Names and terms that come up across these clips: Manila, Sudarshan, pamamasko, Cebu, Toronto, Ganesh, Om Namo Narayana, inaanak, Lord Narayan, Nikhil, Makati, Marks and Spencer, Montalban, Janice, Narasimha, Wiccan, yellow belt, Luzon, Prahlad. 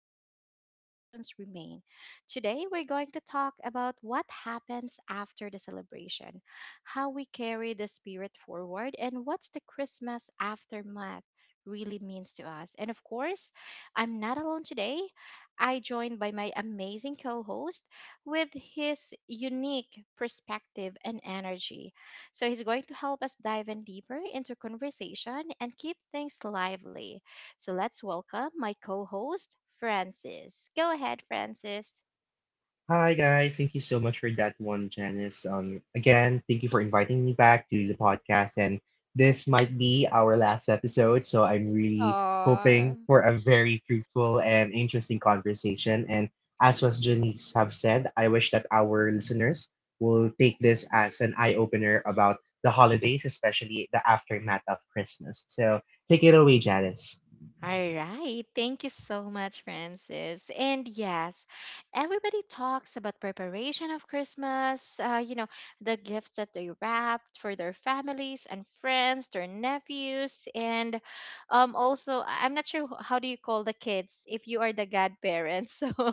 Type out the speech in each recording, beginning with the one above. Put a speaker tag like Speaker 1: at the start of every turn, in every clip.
Speaker 1: memories and lessons remain. Today, we're going to talk about what happens after the celebration, how we carry the spirit forward, and what's the Christmas aftermath really means to us. And of course, I'm not alone today. I joined by my amazing co-host with his unique perspective and energy. So he's going to help us dive in deeper into conversation and keep things lively. So let's welcome my co host, Francis. Go ahead, Francis.
Speaker 2: Hi guys, thank you so much for that one, Janice. Again, thank you for inviting me back to the podcast, and this might be our last episode, so I'm really
Speaker 1: Aw.
Speaker 2: hoping for a very fruitful and interesting conversation. And as was Janice have said, I wish that our listeners will take this as an eye opener about the holidays, especially the aftermath of Christmas. So take it away, Janice.
Speaker 1: All right. Thank you so much, Francis. And yes, everybody talks about preparation of Christmas, the gifts that they wrapped for their families and friends, their nephews, and also, I'm not sure how do you call the kids if you are the godparents. So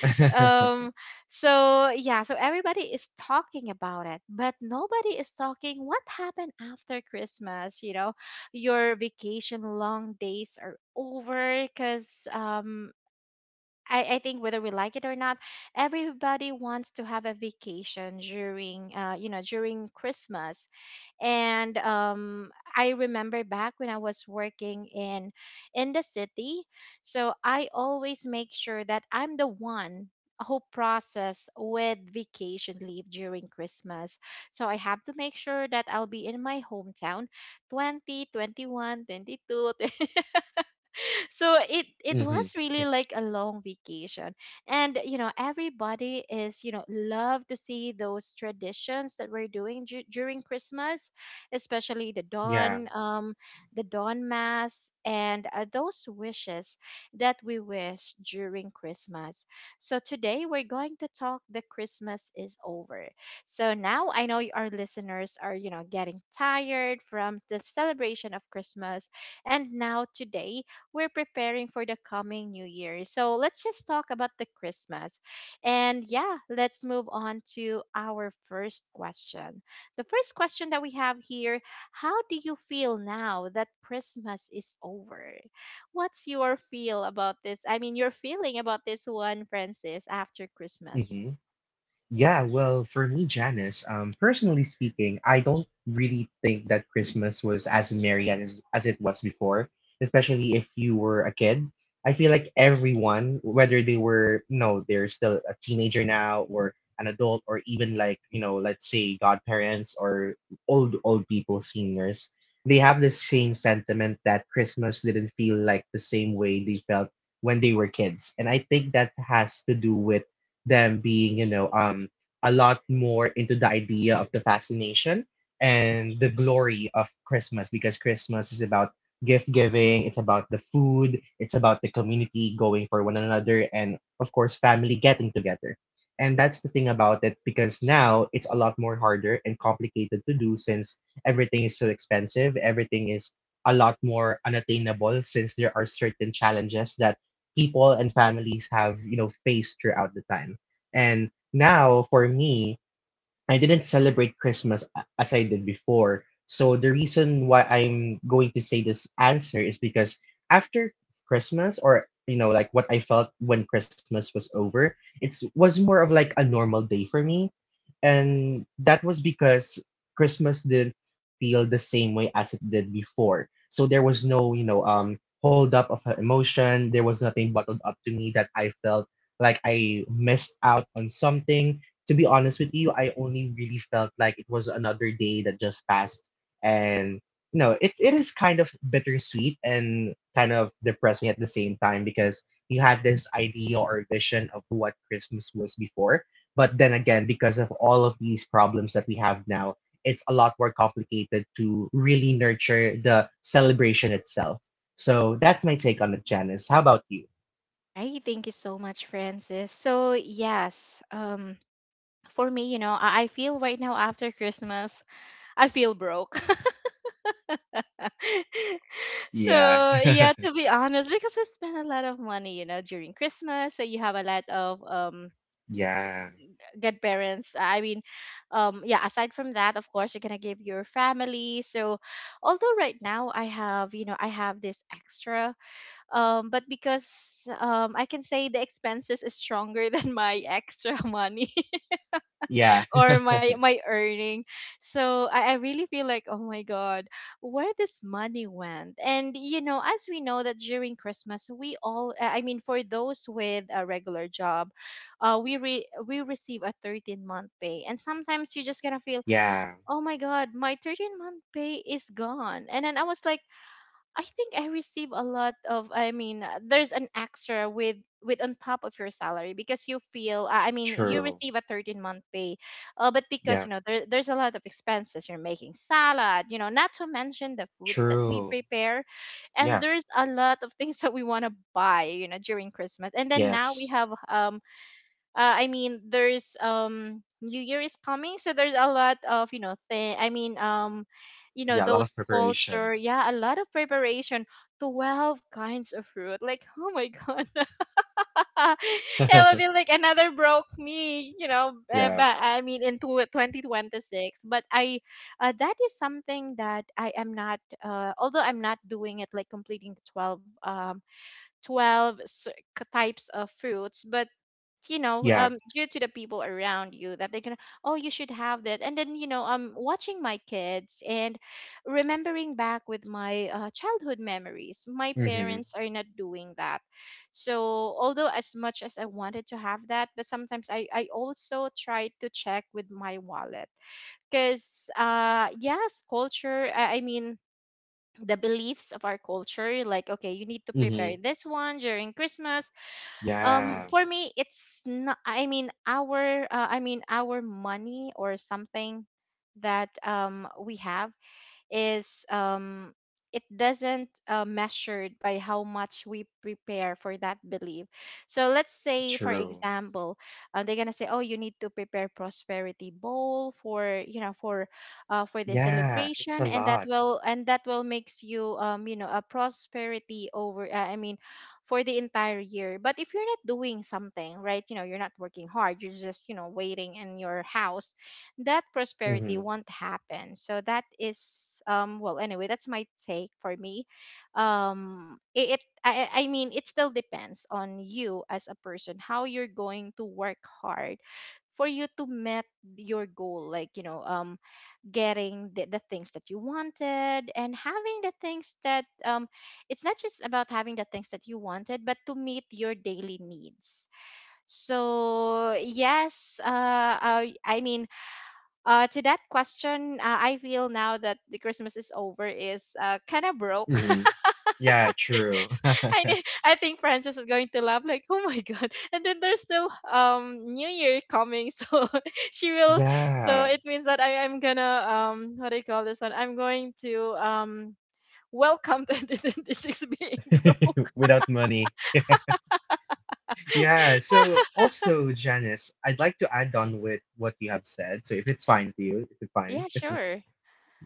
Speaker 1: um so yeah, so everybody is talking about it, but nobody is talking what happened after Christmas. You know, your vacation long days are over because I think whether we like it or not, everybody wants to have a vacation during, during Christmas. And I remember back when I was working in the city, so I always make sure that I'm the one who process with vacation leave during Christmas. So I have to make sure that I'll be in my hometown 20, 21, 22. So it
Speaker 2: hmm
Speaker 1: was really like a long vacation. And you know, everybody is, you know, love to see those traditions that we're doing during Christmas, especially the
Speaker 2: Yeah.
Speaker 1: dawn, the dawn mass, and those wishes that we wish during Christmas. So today we're going to talk the Christmas is over. So now I know our listeners are, you know, getting tired from the celebration of Christmas, and now today we're preparing for the coming new year. So let's just talk about the Christmas. And yeah, let's move on to our first question. The first question that we have here: how do you feel now that Christmas is over? What's your feel about this? I mean, your feeling about this one, Francis, after Christmas?
Speaker 2: Mm-hmm. Yeah, well, for me, Janice, personally speaking, I don't really think that Christmas was as merry as it was before, especially if you were a kid. I feel like everyone, whether they were, they're still a teenager now or an adult or even like, let's say godparents or old people, seniors, they have the same sentiment that Christmas didn't feel like the same way they felt when they were kids. And I think that has to do with them being, a lot more into the idea of the fascination and the glory of Christmas because Christmas is about gift giving, it's about the food, it's about the community going for one another, and of course, family getting together. And that's the thing about it because now it's a lot more harder and complicated to do since everything is so expensive, everything is a lot more unattainable since there are certain challenges that people and families have, faced throughout the time. And now for me, I didn't celebrate Christmas as I did before. So the reason why I'm going to say this answer is because after Christmas, or like what I felt when Christmas was over, it was more of like a normal day for me and that was because Christmas didn't feel the same way as it did before. So there was no, hold up of emotion. There was nothing bottled up to me that I felt like I missed out on something. To be honest with you, I only really felt like it was another day that just passed. And you know, it is kind of bittersweet and kind of depressing at the same time because you had this idea or vision of what Christmas was before. But then again, because of all of these problems that we have now, it's a lot more complicated to really nurture the celebration itself. So that's my take on it, Janice. How about you?
Speaker 1: All right, thank you so much, Francis. So yes, for me, you know, I feel right now after Christmas, I feel broke.
Speaker 2: Yeah.
Speaker 1: So yeah, to be honest, because we spend a lot of money, you know, during Christmas. So you have a lot of
Speaker 2: Yeah.
Speaker 1: godparents. I mean, yeah, aside from that, of course, you're gonna give your family. So although right now I have, you know, I have this extra, but because I can say the expenses is stronger than my extra money
Speaker 2: Yeah.
Speaker 1: or my earning. So I really feel like, oh my god, where this money went. And you know, as we know that during Christmas we all, I mean for those with a regular job, we receive a 13th month pay, and sometimes you're just gonna feel,
Speaker 2: Yeah.
Speaker 1: oh my god, my 13th month pay is gone. And then I was like, I think I receive a lot of, I mean, there's an extra with on top of your salary, because you feel, I mean you
Speaker 2: True.
Speaker 1: receive a 13th month pay, but because you
Speaker 2: Yeah,
Speaker 1: know there's a lot of expenses you're making salad, you know, not to mention the foods that we
Speaker 2: true.
Speaker 1: prepare, and
Speaker 2: Yeah,
Speaker 1: there's a lot of things that we want to buy, you know, during Christmas. And then now we
Speaker 2: yes.
Speaker 1: have I mean, there's New Year is coming, so there's a lot of, you know, thing. I mean, you know
Speaker 2: Yeah, a lot of
Speaker 1: those
Speaker 2: preparation.
Speaker 1: culture, yeah, a lot of preparation. 12 kinds of fruit, like, oh my god, it will be like another broke me, you know.
Speaker 2: Yeah,
Speaker 1: But I mean, into 2026, but that is something that I am not. Although I'm not doing it like completing the 12 12 types of fruits, but you know,
Speaker 2: yeah.
Speaker 1: due to the people around you that they're gonna, oh, you should have that. And then you know, watching my kids and remembering back with my childhood memories, my
Speaker 2: Mm-hmm.
Speaker 1: parents are not doing that. So although as much as I wanted to have that, but sometimes I also try to check with my wallet, because yes culture, I mean the beliefs of our culture, like, okay, you need to prepare
Speaker 2: Mm-hmm.
Speaker 1: this one during Christmas.
Speaker 2: Yeah,
Speaker 1: For me it's not, I mean our I mean our money or something that we have is it doesn't, measured by how much we prepare for that belief. So let's say for
Speaker 2: true.
Speaker 1: example, they're gonna say, oh, you need to prepare prosperity bowl for, you know, for the
Speaker 2: Yeah, it's a
Speaker 1: celebration, and that
Speaker 2: lot.
Speaker 1: will makes you, you know, a prosperity over, I mean for the entire year. But if you're not doing something right, you know, you're not working hard, you're just, you know, waiting in your house, that
Speaker 2: Mm-hmm.
Speaker 1: prosperity won't happen. So that is, well anyway, that's my take for me. Um, it I mean it still depends on you as a person, how you're going to work hard for you to met your goal, like you know, getting the things that you wanted, and having the things that, it's not just about having the things that you wanted, but to meet your daily needs. So yes, I mean, to that question, I feel now that the Christmas is over is, kind of broke.
Speaker 2: Mm-hmm. Yeah, true.
Speaker 1: I know, I think Francis is going to laugh like, oh my god! And then there's still New Year coming, so she will. So
Speaker 2: Yeah.
Speaker 1: it means that I am gonna, what do you call this one? I'm going to welcome 2026 being broke.
Speaker 2: Without money. Yeah, so also, Janice, I'd like to add on with what you have said. So if it's fine with you, is it fine?
Speaker 1: Yeah, sure.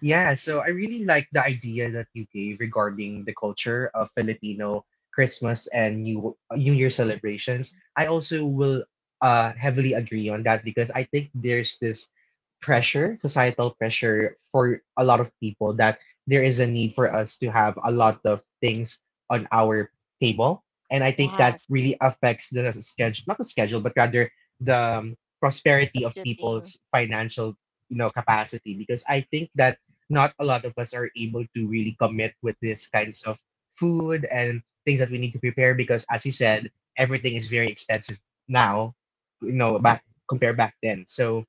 Speaker 2: Yeah, so I really like the idea that you gave regarding the culture of Filipino Christmas and New Year celebrations. I also will heavily agree on that because I think there's this pressure, societal pressure for a lot of people that there is a need for us to have a lot of things on our table, and I think that
Speaker 1: Yes,
Speaker 2: really affects the schedule, not the schedule, but rather the prosperity of
Speaker 1: budgeting.
Speaker 2: people's financial capacity because I think that not a lot of us are able to really commit with these kinds of food and things that we need to prepare because as you said everything is very expensive now, back compare back then. So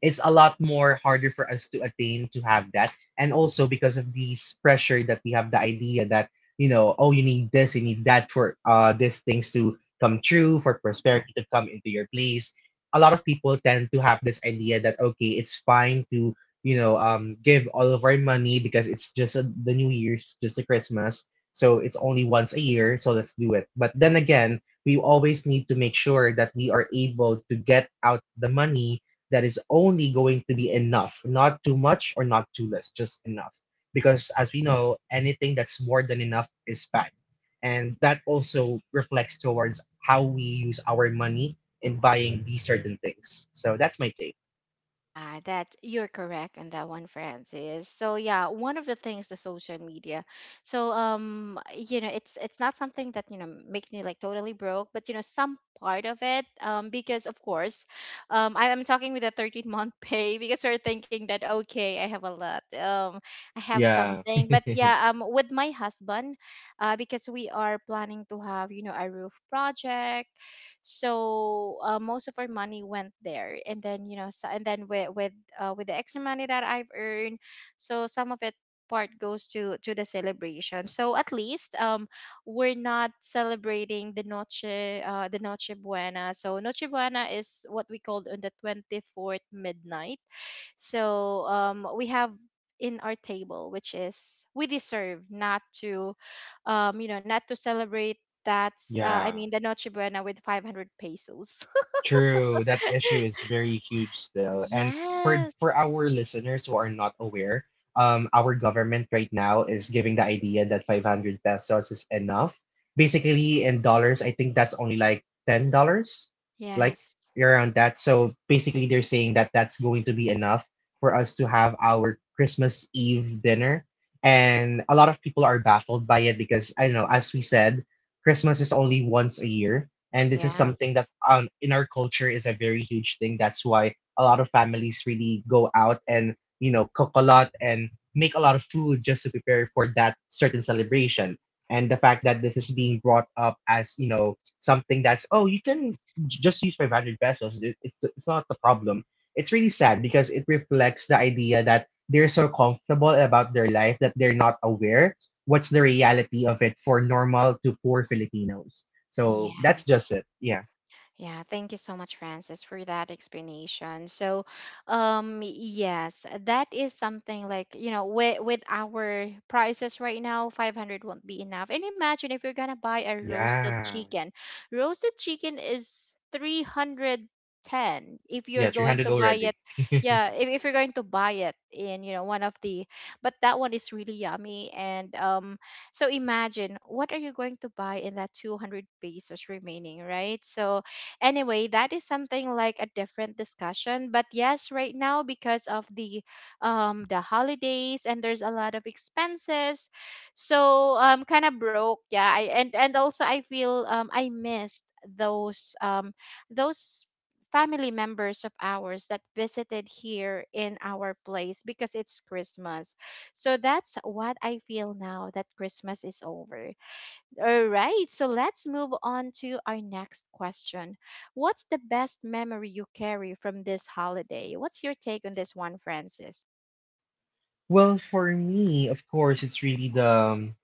Speaker 2: it's a lot more harder for us to attain to have that. And also because of these pressure that we have the idea that, oh, you need this, you need that for these things to come true, for prosperity to come into your place. A lot of people tend to have this idea that, okay, it's fine to, give all of our money because it's just the New Year's, just a Christmas. So it's only once a year. So let's do it. But then again, we always need to make sure that we are able to get out the money that is only going to be enough, not too much or not too less, just enough. Because as we know, anything that's more than enough is bad. And that also reflects towards how we use our money in buying these certain things. So that's my take.
Speaker 1: Yeah, that you're correct on that one, Francis. So yeah, one of the things the social media. So you know, it's not something that, you know, makes me like totally broke, but you know, some part of it. Because of course, I'm talking with a 13th month pay because we're thinking that, okay, I have a lot. I have
Speaker 2: Yeah.
Speaker 1: something, but yeah, with my husband, because we are planning to have, you know, a roof project. So most of our money went there, and then you know, so. And then with with the extra money that I've earned, so some of it part goes to the celebration. So at least, we're not celebrating the noche buena. So noche buena is what we called on the 24th midnight. So we have in our table, which is we deserve not to, you know, not to celebrate. That's, I
Speaker 2: Yeah.
Speaker 1: mean, the Noche Buena with 500 pesos.
Speaker 2: True, that issue is very huge still. And for
Speaker 1: Yes,
Speaker 2: our listeners who are not aware, our government right now is giving the idea that 500 pesos is enough. Basically, in dollars, I think that's only like $10, like
Speaker 1: yes,
Speaker 2: around that. So basically, they're saying that that's going to be enough for us to have our Christmas Eve dinner. And a lot of people are baffled by it because I don't know, as we said, Christmas is only once a year and this is
Speaker 1: yes,
Speaker 2: something that in our culture is a very huge thing. That's why a lot of families really go out and cook a lot and make a lot of food just to prepare for that certain celebration. And the fact that this is being brought up as something that's, oh, you can just use 500 pesos. It's not the problem. It's really sad because it reflects the idea that they're so comfortable about their life that they're not aware what's the reality of it for normal to poor filipinos. So that's just
Speaker 1: yes.
Speaker 2: it. Yeah.
Speaker 1: Yeah, thank you so much, Francis, for that explanation. So, yes, that is something like, you know, with our prices right now, 500 won't be enough. And imagine if you're gonna buy a roasted
Speaker 2: Yeah.
Speaker 1: chicken. Roasted chicken is 310 if you're
Speaker 2: Yeah,
Speaker 1: going
Speaker 2: 300
Speaker 1: to buy it.
Speaker 2: already.
Speaker 1: Yeah, if you're going to buy it in, you know, one of the, but that one is really yummy. And so imagine what are you going to buy in that 200 pesos remaining, right? So, anyway, that is something like a different discussion. But yes, right now because of the holidays and there's a lot of expenses, so kind of broke. Yeah, and also I feel, I missed those um those family members of ours that visited here in our place because it's Christmas. So that's what I feel now that Christmas is over. All right, so let's move on to our next question. What's the best memory you carry from this holiday? What's your take on this one, Francis?
Speaker 2: Well, for me, of course, it's really the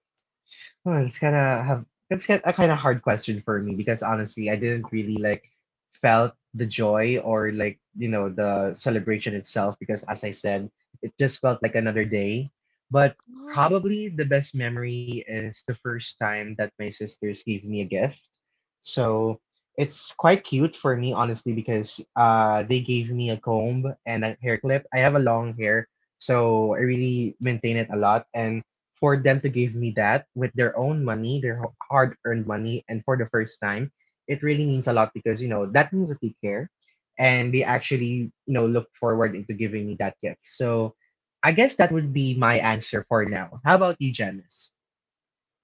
Speaker 2: oh, it's kind of have a kind of hard question for me because honestly, I didn't really like felt the joy or like the celebration itself because as I said, it just felt like another day. But
Speaker 1: Oh.
Speaker 2: probably the best memory is the first time that my sisters gave me a gift. So it's quite cute for me honestly because they gave me a comb and a hair clip. I have a long hair, so I really maintain it a lot and for them to give me that with their own money, their hard earned money, and for the first time, it really means a lot because you know that means that they care, and they actually look forward into giving me that gift. So I guess that would be my answer for now. How about you, Janice?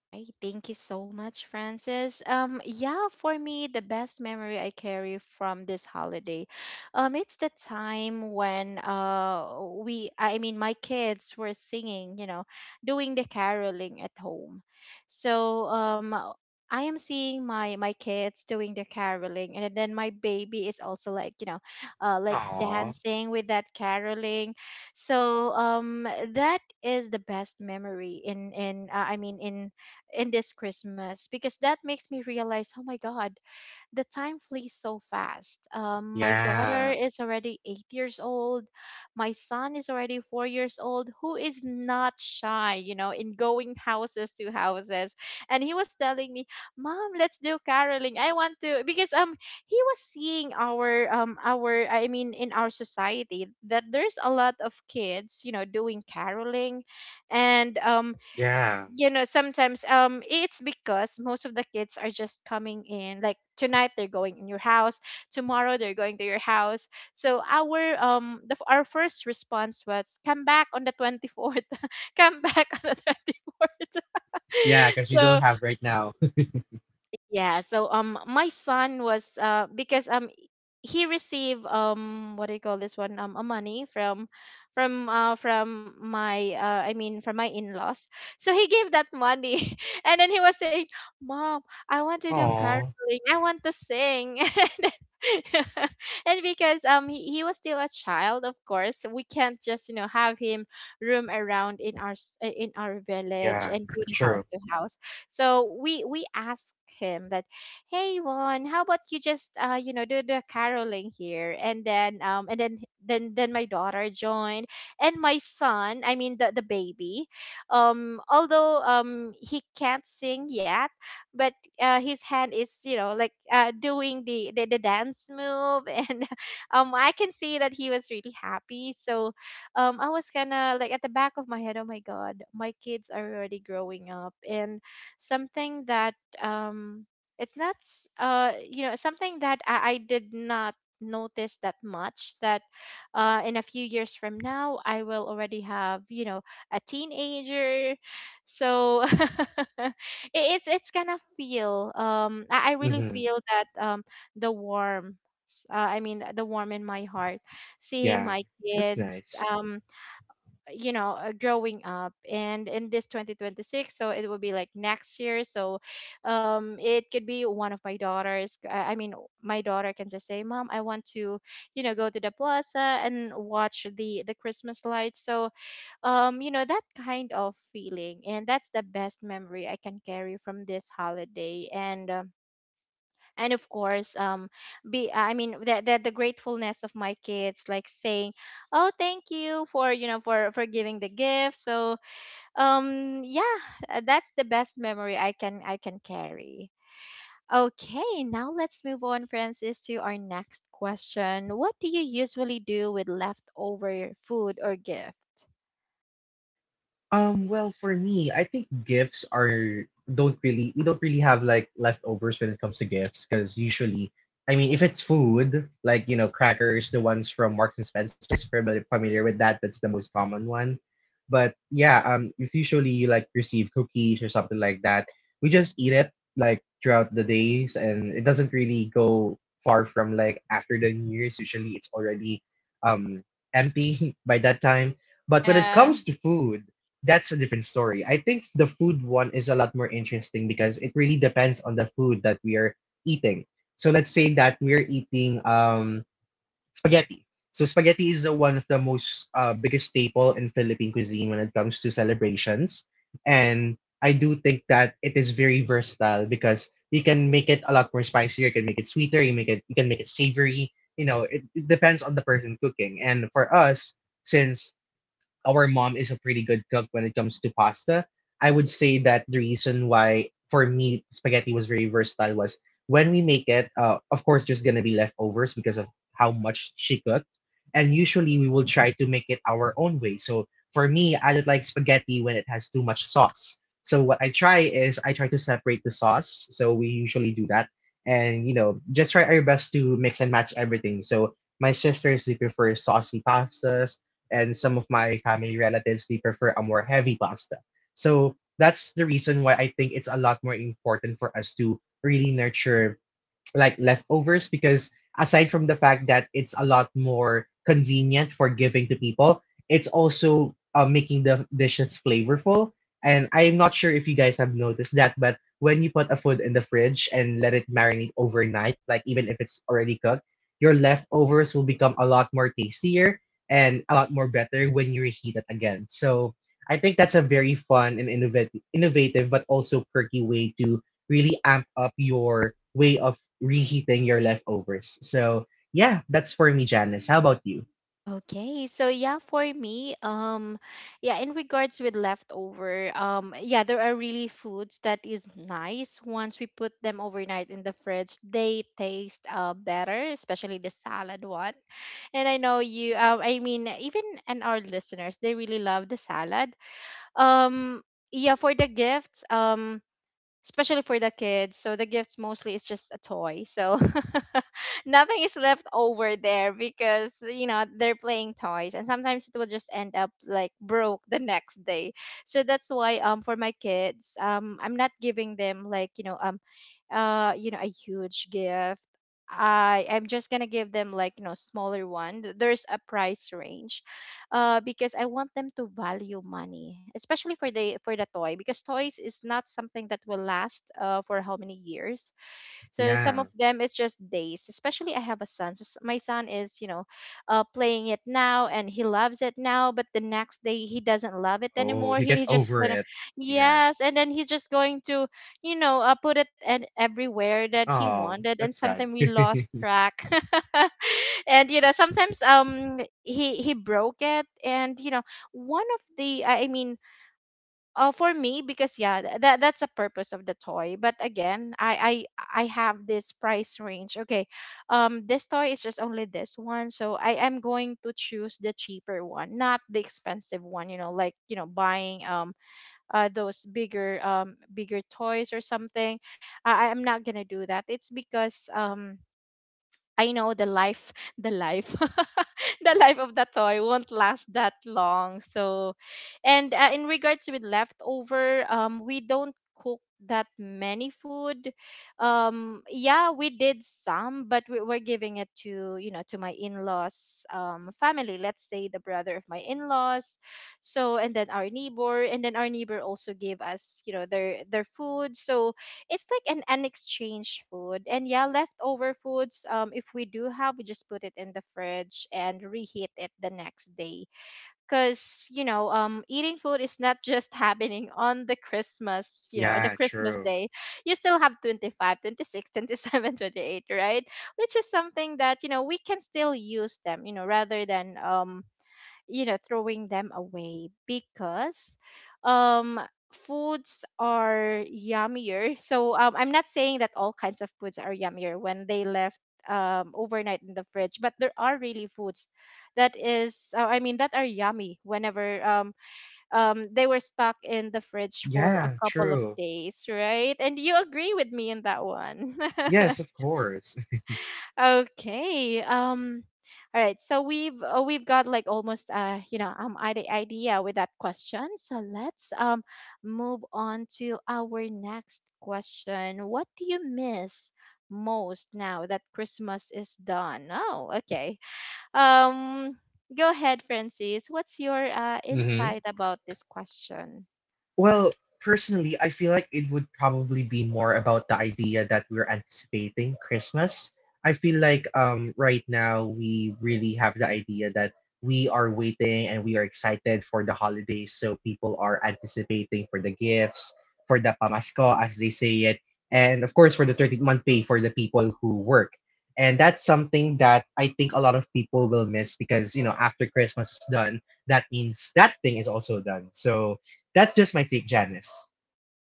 Speaker 1: Right. Thank you so much, Francis. Yeah, for me, the best memory I carry from this holiday, it's the time when I mean, my kids were singing, you know, doing the caroling at home. So I am seeing my kids doing the caroling, and then my baby is also like, you know, like
Speaker 2: Aw,
Speaker 1: dancing with that caroling. So that is the best memory in I mean in this Christmas, because that makes me realize, oh my God, the time flees so fast. My daughter
Speaker 2: yeah,
Speaker 1: is already 8 years old. My son is already 4 years old, who is not shy, you know, in going houses to houses. And he was telling me, Mom, let's do caroling. I want to because he was seeing our I mean in our society that there's a lot of kids, you know, doing caroling and
Speaker 2: yeah.
Speaker 1: you know sometimes it's because most of the kids are just coming in like tonight they're going in your house, tomorrow they're going to your house. So our first response was come back on the 24th come back on the 24th.
Speaker 2: Yeah, because we don't
Speaker 1: so
Speaker 2: have right now.
Speaker 1: yeah, so my son was because he received what do you call this one, a money from my I mean from my in-laws. So he gave that money, and then he was saying, "Mom, I want to do caroling.
Speaker 2: Aw,
Speaker 1: I want to sing." and and because he was still a child, of course we can't just, you know, have him roam around in in our
Speaker 2: yeah,
Speaker 1: village and do the house
Speaker 2: true.
Speaker 1: to house. So we asked him that, hey Juan, how about you just, uh, you know, do the caroling here? And then my daughter joined, and my son, I mean the baby, although he can't sing yet, but his hand is, you know, like doing the dance move. And I can see that he was really happy. So I was kind of like at the back of my head, oh my god, my kids are already growing up, and something that, um it's not s- you know, something that I did not notice that much. That in a few years from now I will already have, you know, a teenager. So it's gonna feel, I really
Speaker 2: Hmm.
Speaker 1: feel that the warm, I mean the warm in my heart, seeing
Speaker 2: Yeah.
Speaker 1: my
Speaker 2: That's
Speaker 1: kids
Speaker 2: nice.
Speaker 1: you know, growing up. And in this 2026, so it will be like next year. So it could be one of my daughters I mean my daughter can just say, Mom, I want to, you know, go to the plaza and watch the Christmas lights. So you know, that kind of feeling, and that's the best memory I can carry from this holiday. And of course, be I mean that the gratefulness of my kids, like saying, oh, thank you for, you know, for giving the gift. So yeah, that's the best memory I can carry. Okay, now let's move on, Francis, to our next question. What do you usually do with leftover food or gift?
Speaker 2: Well, for me, I think gifts are don't really we don't really have like leftovers when it comes to gifts because usually, I mean, if it's food like crackers, the ones from Marks and Spencer, if you're familiar with that, that's the most common one. But yeah, it's usually you like receive cookies or something like that. We just eat it like throughout the days, and it doesn't really go far from like after the New Year's. Usually, it's already um empty by that time. But when it
Speaker 1: Yeah.
Speaker 2: comes to food, that's a different story. I think the food one is a lot more interesting because it really depends on the food that we are eating. So let's say that we're eating spaghetti. So spaghetti is the one of the most biggest staple in Philippine cuisine when it comes to celebrations. And I do think that it is very versatile because you can make it a lot more spicier, you can make it sweeter, you can make it savory. You know, it depends on the person cooking. And for us, since our mom is a pretty good cook when it comes to pasta. I would say that the reason why for me spaghetti was very versatile was when we make it, of course, there's gonna be leftovers because of how much she cooked and usually we will try to make it our own way. So for me, I don't like spaghetti when it has too much sauce. So what I try is I try to separate the sauce. So we usually do that, and you know just try our best to mix and match everything. So my sisters they prefer saucy pastas, and some of my family relatives they prefer a more heavy pasta. So that's the reason why I think it's a lot more important for us to really nurture like leftovers because aside from the fact that it's a lot more convenient for giving to people, it's also making the dishes flavorful. And I'm not sure if you guys have noticed that, but when you put a food in the fridge and let it marinate overnight, like even if it's already cooked, your leftovers will become a lot more tastier and a lot more better when you reheat it again. So I think that's a very fun and innovative but also quirky way to really amp up your way of reheating your leftovers. So yeah, that's for me, Janice. How about you?
Speaker 1: Okay, so yeah, for me, yeah, in regards with leftover, yeah, there are really foods that is nice once we put them overnight in the fridge. They taste better, especially the salad one. And I know you, I mean, even and our listeners, they really love the salad. Um, yeah, for the gifts, especially for the kids. So the gifts mostly is just a toy. So nothing is left over there because you know they're playing toys, and sometimes it will just end up like broke the next day. So that's why for my kids, I'm not giving them like, you know, you know, a huge gift. I'm just gonna give them like, you know, smaller one. There's a price range, because I want them to value money, especially for the toy, because toys is not something that will last, for how many years. So some
Speaker 2: Yeah.
Speaker 1: of them it's just days. Especially I have a son. So my son is, you know, playing it now and he loves it now, but the next day he doesn't love it
Speaker 2: Oh,
Speaker 1: anymore.
Speaker 2: he
Speaker 1: He,
Speaker 2: gets
Speaker 1: he just
Speaker 2: over
Speaker 1: gonna,
Speaker 2: it. Yeah.
Speaker 1: yes, and then he's just going to, you know, put it and everywhere that he
Speaker 2: Oh,
Speaker 1: wanted, and
Speaker 2: that's sad.
Speaker 1: sometimes we lost track. And you know, sometimes he broke it, and you know, one of the I mean for me, because, yeah, that that's a purpose of the toy. But again, I have this price range. Okay, this toy is just only this one, so I am going to choose the cheaper one, not the expensive one, you know, like, you know, buying those bigger bigger toys or something. I am not gonna do that. It's because I know the life, the life of the toy won't last that long. So, and in regards with leftover, we don't cook that many food. Yeah, we did some, but we were giving it to, you know, to my in-laws, family. Let's say the brother of my in-laws. So, and then our neighbor, and then our neighbor also gave us, you know, their food. So, it's like an exchange food. And yeah, leftover foods, if we do have, we just put it in the fridge and reheat it the next day. Because, you know, eating food is not just happening on the Christmas, you know, on the
Speaker 2: Yeah,
Speaker 1: Christmas
Speaker 2: true.
Speaker 1: day. You still have 25, 26, 27, 28, right? Which is something that, you know, we can still use them, you know, rather than you know, throwing them away. Because um foods are yummier. So I'm not saying that all kinds of foods are yummier when they left overnight in the fridge, but there are really foods that is I mean that are yummy whenever, they were stuck in the fridge for a
Speaker 2: Yeah,
Speaker 1: couple of
Speaker 2: true.
Speaker 1: days, right? And you agree with me in that one.
Speaker 2: Yes, of course.
Speaker 1: Okay. All right. So we've got like almost, you know, idea with that question. So let's move on to our next question. What do you miss most now that Christmas is done? Oh, okay. Um. Go ahead, Francis. What's your
Speaker 2: Mm-hmm.
Speaker 1: insight about this question?
Speaker 2: Well, personally, I feel like it would probably be more about the idea that we're anticipating Christmas. I feel like right now we really have the idea that we are waiting and we are excited for the holidays. So people are anticipating for the gifts, for the pamasko, as they say it, and of course for the 13th month pay for the people who work. And that's something that I think a lot of people will miss because, you know, after Christmas is done, that means that thing is also done. So that's just my take, Janice.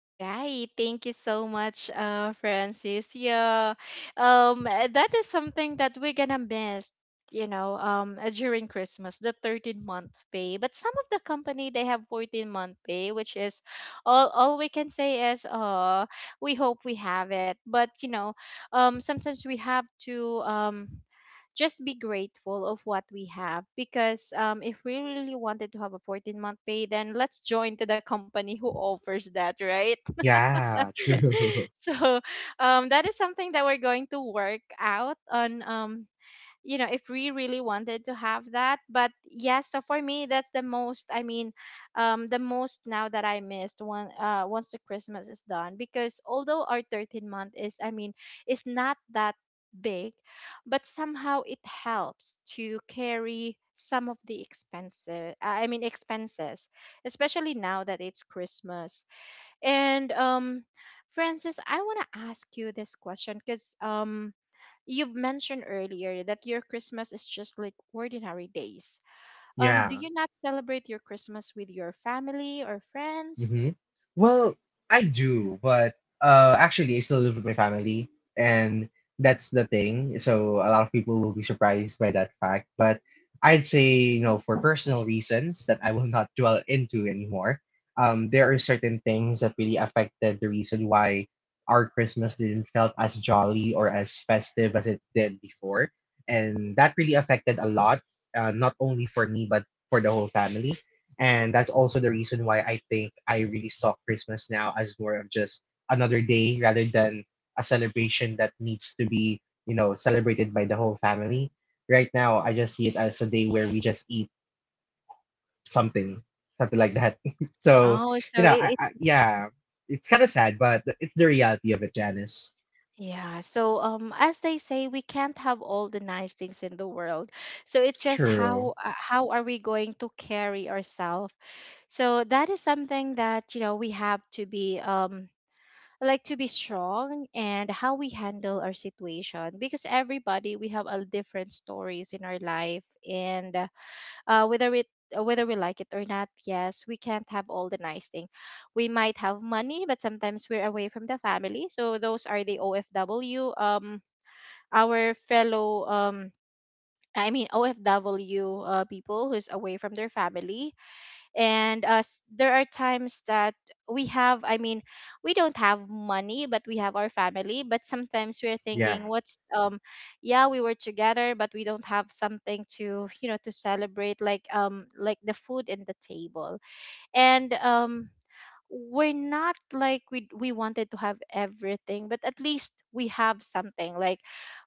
Speaker 1: Right. Thank you so much, Francis. Yeah. That is something that we're gonna miss, you know, during Christmas, the 13-month pay. But some of the company they have 14-month pay, which is, all we can say is, we hope we have it. But you know, sometimes we have to just be grateful of what we have. Because if we really wanted to have a 14-month pay, then let's join to the company who offers that, right?
Speaker 2: Yeah, true.
Speaker 1: So that is something that we're going to work out on. You know, if we really wanted to have that. But yes, so for me, that's the most, the most now that I missed one, once the Christmas is done. Because although our 13 month is I mean is not that big, but somehow it helps to carry some of the expenses, expenses, especially now that it's Christmas. And Francis, I want to ask you this question, because you've mentioned earlier that your Christmas is just like ordinary days.
Speaker 2: Yeah.
Speaker 1: Do you not celebrate your Christmas with your family or friends?
Speaker 2: hmm Well, I do, but actually, I still live with my family, and that's the thing. So a lot of people will be surprised by that fact. But I'd say, you know, for personal reasons that I will not dwell into anymore. There are certain things that really affected the reason why our Christmas didn't felt as jolly or as festive as it did before, and that really affected a lot, not only for me but for the whole family. And that's also the reason why I think I really saw Christmas now as more of just another day rather than a celebration that needs to be, you know, celebrated by the whole family. Right now, I just see it as a day where we just eat something, something like that. So,
Speaker 1: Oh, so it, it
Speaker 2: yeah, it's kind of sad, but it's the reality of it, Janice.
Speaker 1: yeah. So as they say, we can't have all the nice things in the world. So it's just
Speaker 2: True.
Speaker 1: how, how are we going to carry ourselves? So that is something that, you know, we have to be like to be strong and how we handle our situation, because everybody, we have a different stories in our life and uh, whether it whether we like it or not, yes, we can't have all the nice thing. We might have money but sometimes we're away from the family, so those are the OFW, our fellow OFW, people who's away from their family. And there are times that we have i mean we don't have money but we have our family, but sometimes we're
Speaker 2: Yeah.
Speaker 1: thinking what's yeah, we were together but we don't have something to, you know, to celebrate, like the food in the table. And we're not like, we wanted to have everything, but at least we have something like,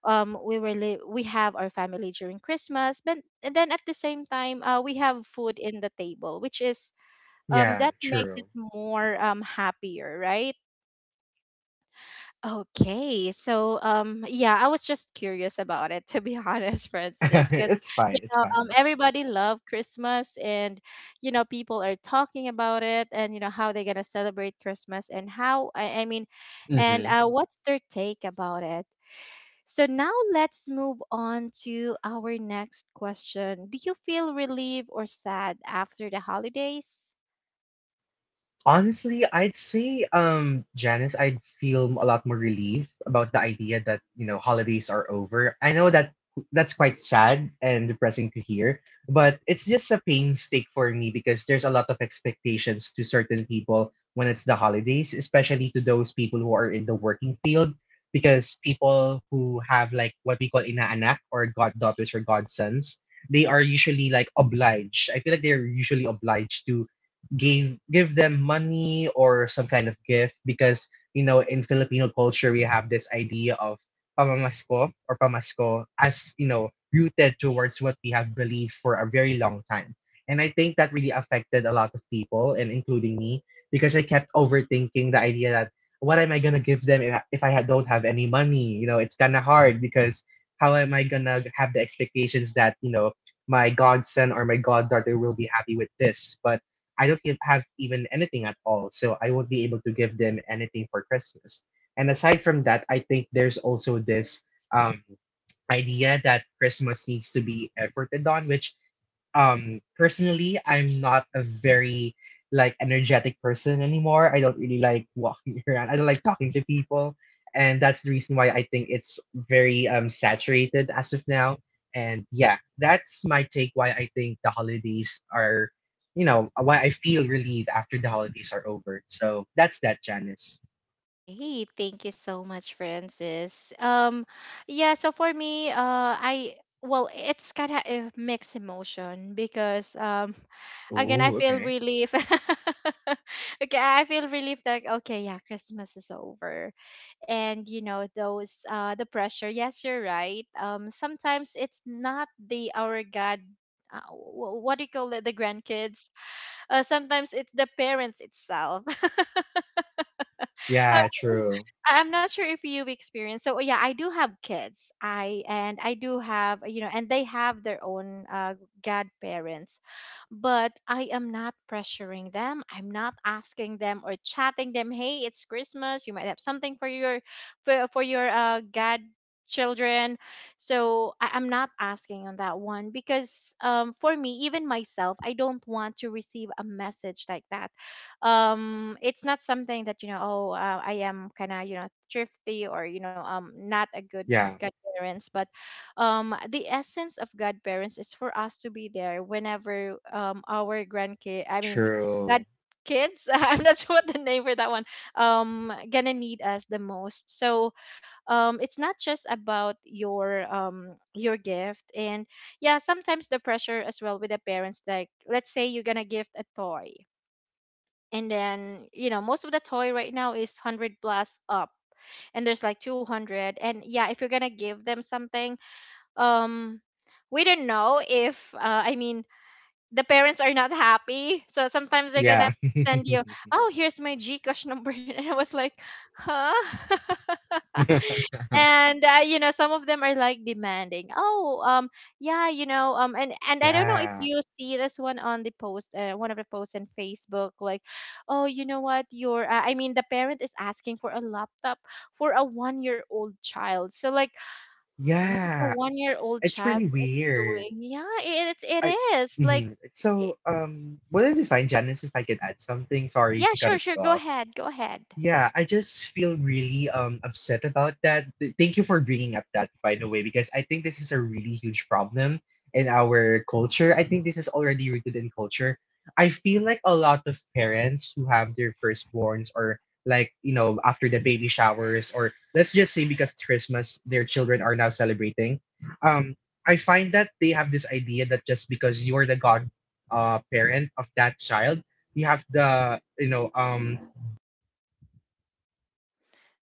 Speaker 1: we have our family during Christmas, but and then at the same time, we have food in the table, which is
Speaker 2: Yeah.
Speaker 1: that makes it
Speaker 2: True.
Speaker 1: more happier, right? Okay, so yeah, I was just curious about it to be honest, Francis, because
Speaker 2: It's fine.
Speaker 1: you
Speaker 2: It's
Speaker 1: know,
Speaker 2: fine.
Speaker 1: everybody love Christmas, and you know, people are talking about it, and you know how they're gonna celebrate Christmas, and how I mean and
Speaker 2: Hmm
Speaker 1: what's their take about it. So now let's move on to our next question. Do you feel relieved or sad after the holidays?
Speaker 2: Honestly, I'd say, Janice, I'd feel a lot more relief about the idea that, you know, holidays are over. I know that's quite sad and depressing to hear, but it's just a painstake for me because there's a lot of expectations to certain people when it's the holidays, especially to those people who are in the working field, because people who have like what we call inaanak or goddaughters or godsons, they are usually like obliged. I feel like they're usually obliged to gave give them money or some kind of gift because you know in Filipino culture we have this idea of pamamasko or pamasko as you know rooted towards what we have believed for a very long time. And I think that really affected a lot of people and including me because I kept overthinking the idea that what am I gonna give them if don't have any money? You know, it's kind of hard because how am I gonna have the expectations that you know my godson or my goddaughter will be happy with this? But I don't have even anything at all, so I won't be able to give them anything for Christmas. And aside from that, I think there's also this um, idea that Christmas needs to be efforted on, which personally, I'm not a very like energetic person anymore. I don't really like walking around. I don't like talking to people, and that's the reason why I think it's very saturated as of now. And yeah, that's my take why I think the holidays are why I feel relieved after the holidays are over. So that's that, Janice.
Speaker 1: Okay, thank you so much, Francis. Yeah, so for me, I, well, it's kind of a mixed emotion because again, I
Speaker 2: Oh,
Speaker 1: feel
Speaker 2: okay.
Speaker 1: relief. Okay, I feel relief that okay, yeah, Christmas is over, and you know those the pressure. Yes, you're right. Sometimes it's not the our God. What do you call it? The grandkids. Sometimes it's the parents itself. Um,
Speaker 2: Yeah, true.
Speaker 1: I'm not sure if you've experienced. So yeah, I do have kids. I do have, you know, and they have their own godparents, but I am not pressuring them. I'm not asking them or chatting them. Hey, it's Christmas. You might have something for your for your godchildren. So I'm not asking on that one, because for me, even myself, I don't want to receive a message like that. It's not something that, you know, oh, I am kind of, you know, thrifty, or you know, not a good
Speaker 2: Yeah,
Speaker 1: godparents. But the essence of godparents is for us to be there whenever our grandkid, god
Speaker 2: true.
Speaker 1: kids I'm not sure what the name for that one, gonna need us the most. So it's not just about your gift. And yeah, sometimes the pressure as well with the parents, like let's say you're gonna gift a toy, and then you know most of the toy right now is 100 plus up, and there's like 200. And yeah, if you're gonna give them something, um we don't know if i mean the parents are not happy, so sometimes they're gonna
Speaker 2: Yeah.
Speaker 1: send you, oh, here's my GCash number, and I was like, huh? And you know, some of them are like demanding. Oh, yeah, you know, and I don't know if
Speaker 2: Yeah.
Speaker 1: you see this one on the post, one of the posts on Facebook, like, oh, you know what, your the parent is asking for a laptop for a 1-year old child. So like, what is a
Speaker 2: Yeah.
Speaker 1: 1-year old
Speaker 2: It's
Speaker 1: child
Speaker 2: really
Speaker 1: is
Speaker 2: weird.
Speaker 1: doing? Yeah, it's it
Speaker 2: I
Speaker 1: is like
Speaker 2: Mhm. So,
Speaker 1: I-
Speaker 2: what did you find, Janice, if I could add something? Sorry to
Speaker 1: yeah,
Speaker 2: cut
Speaker 1: sure,
Speaker 2: you
Speaker 1: sure, go
Speaker 2: off.
Speaker 1: ahead, go ahead.
Speaker 2: Yeah, I just feel really upset about that. Thank you for bringing up that, by the way, because I think this is a really huge problem in our culture. I think this is already rooted in culture. I feel like a lot of parents who have their firstborns or like, you know, after the baby showers or let's just say because it's Christmas, their children are now celebrating. Um, I find that they have this idea that just because you're the god parent of that child, you have the, you know,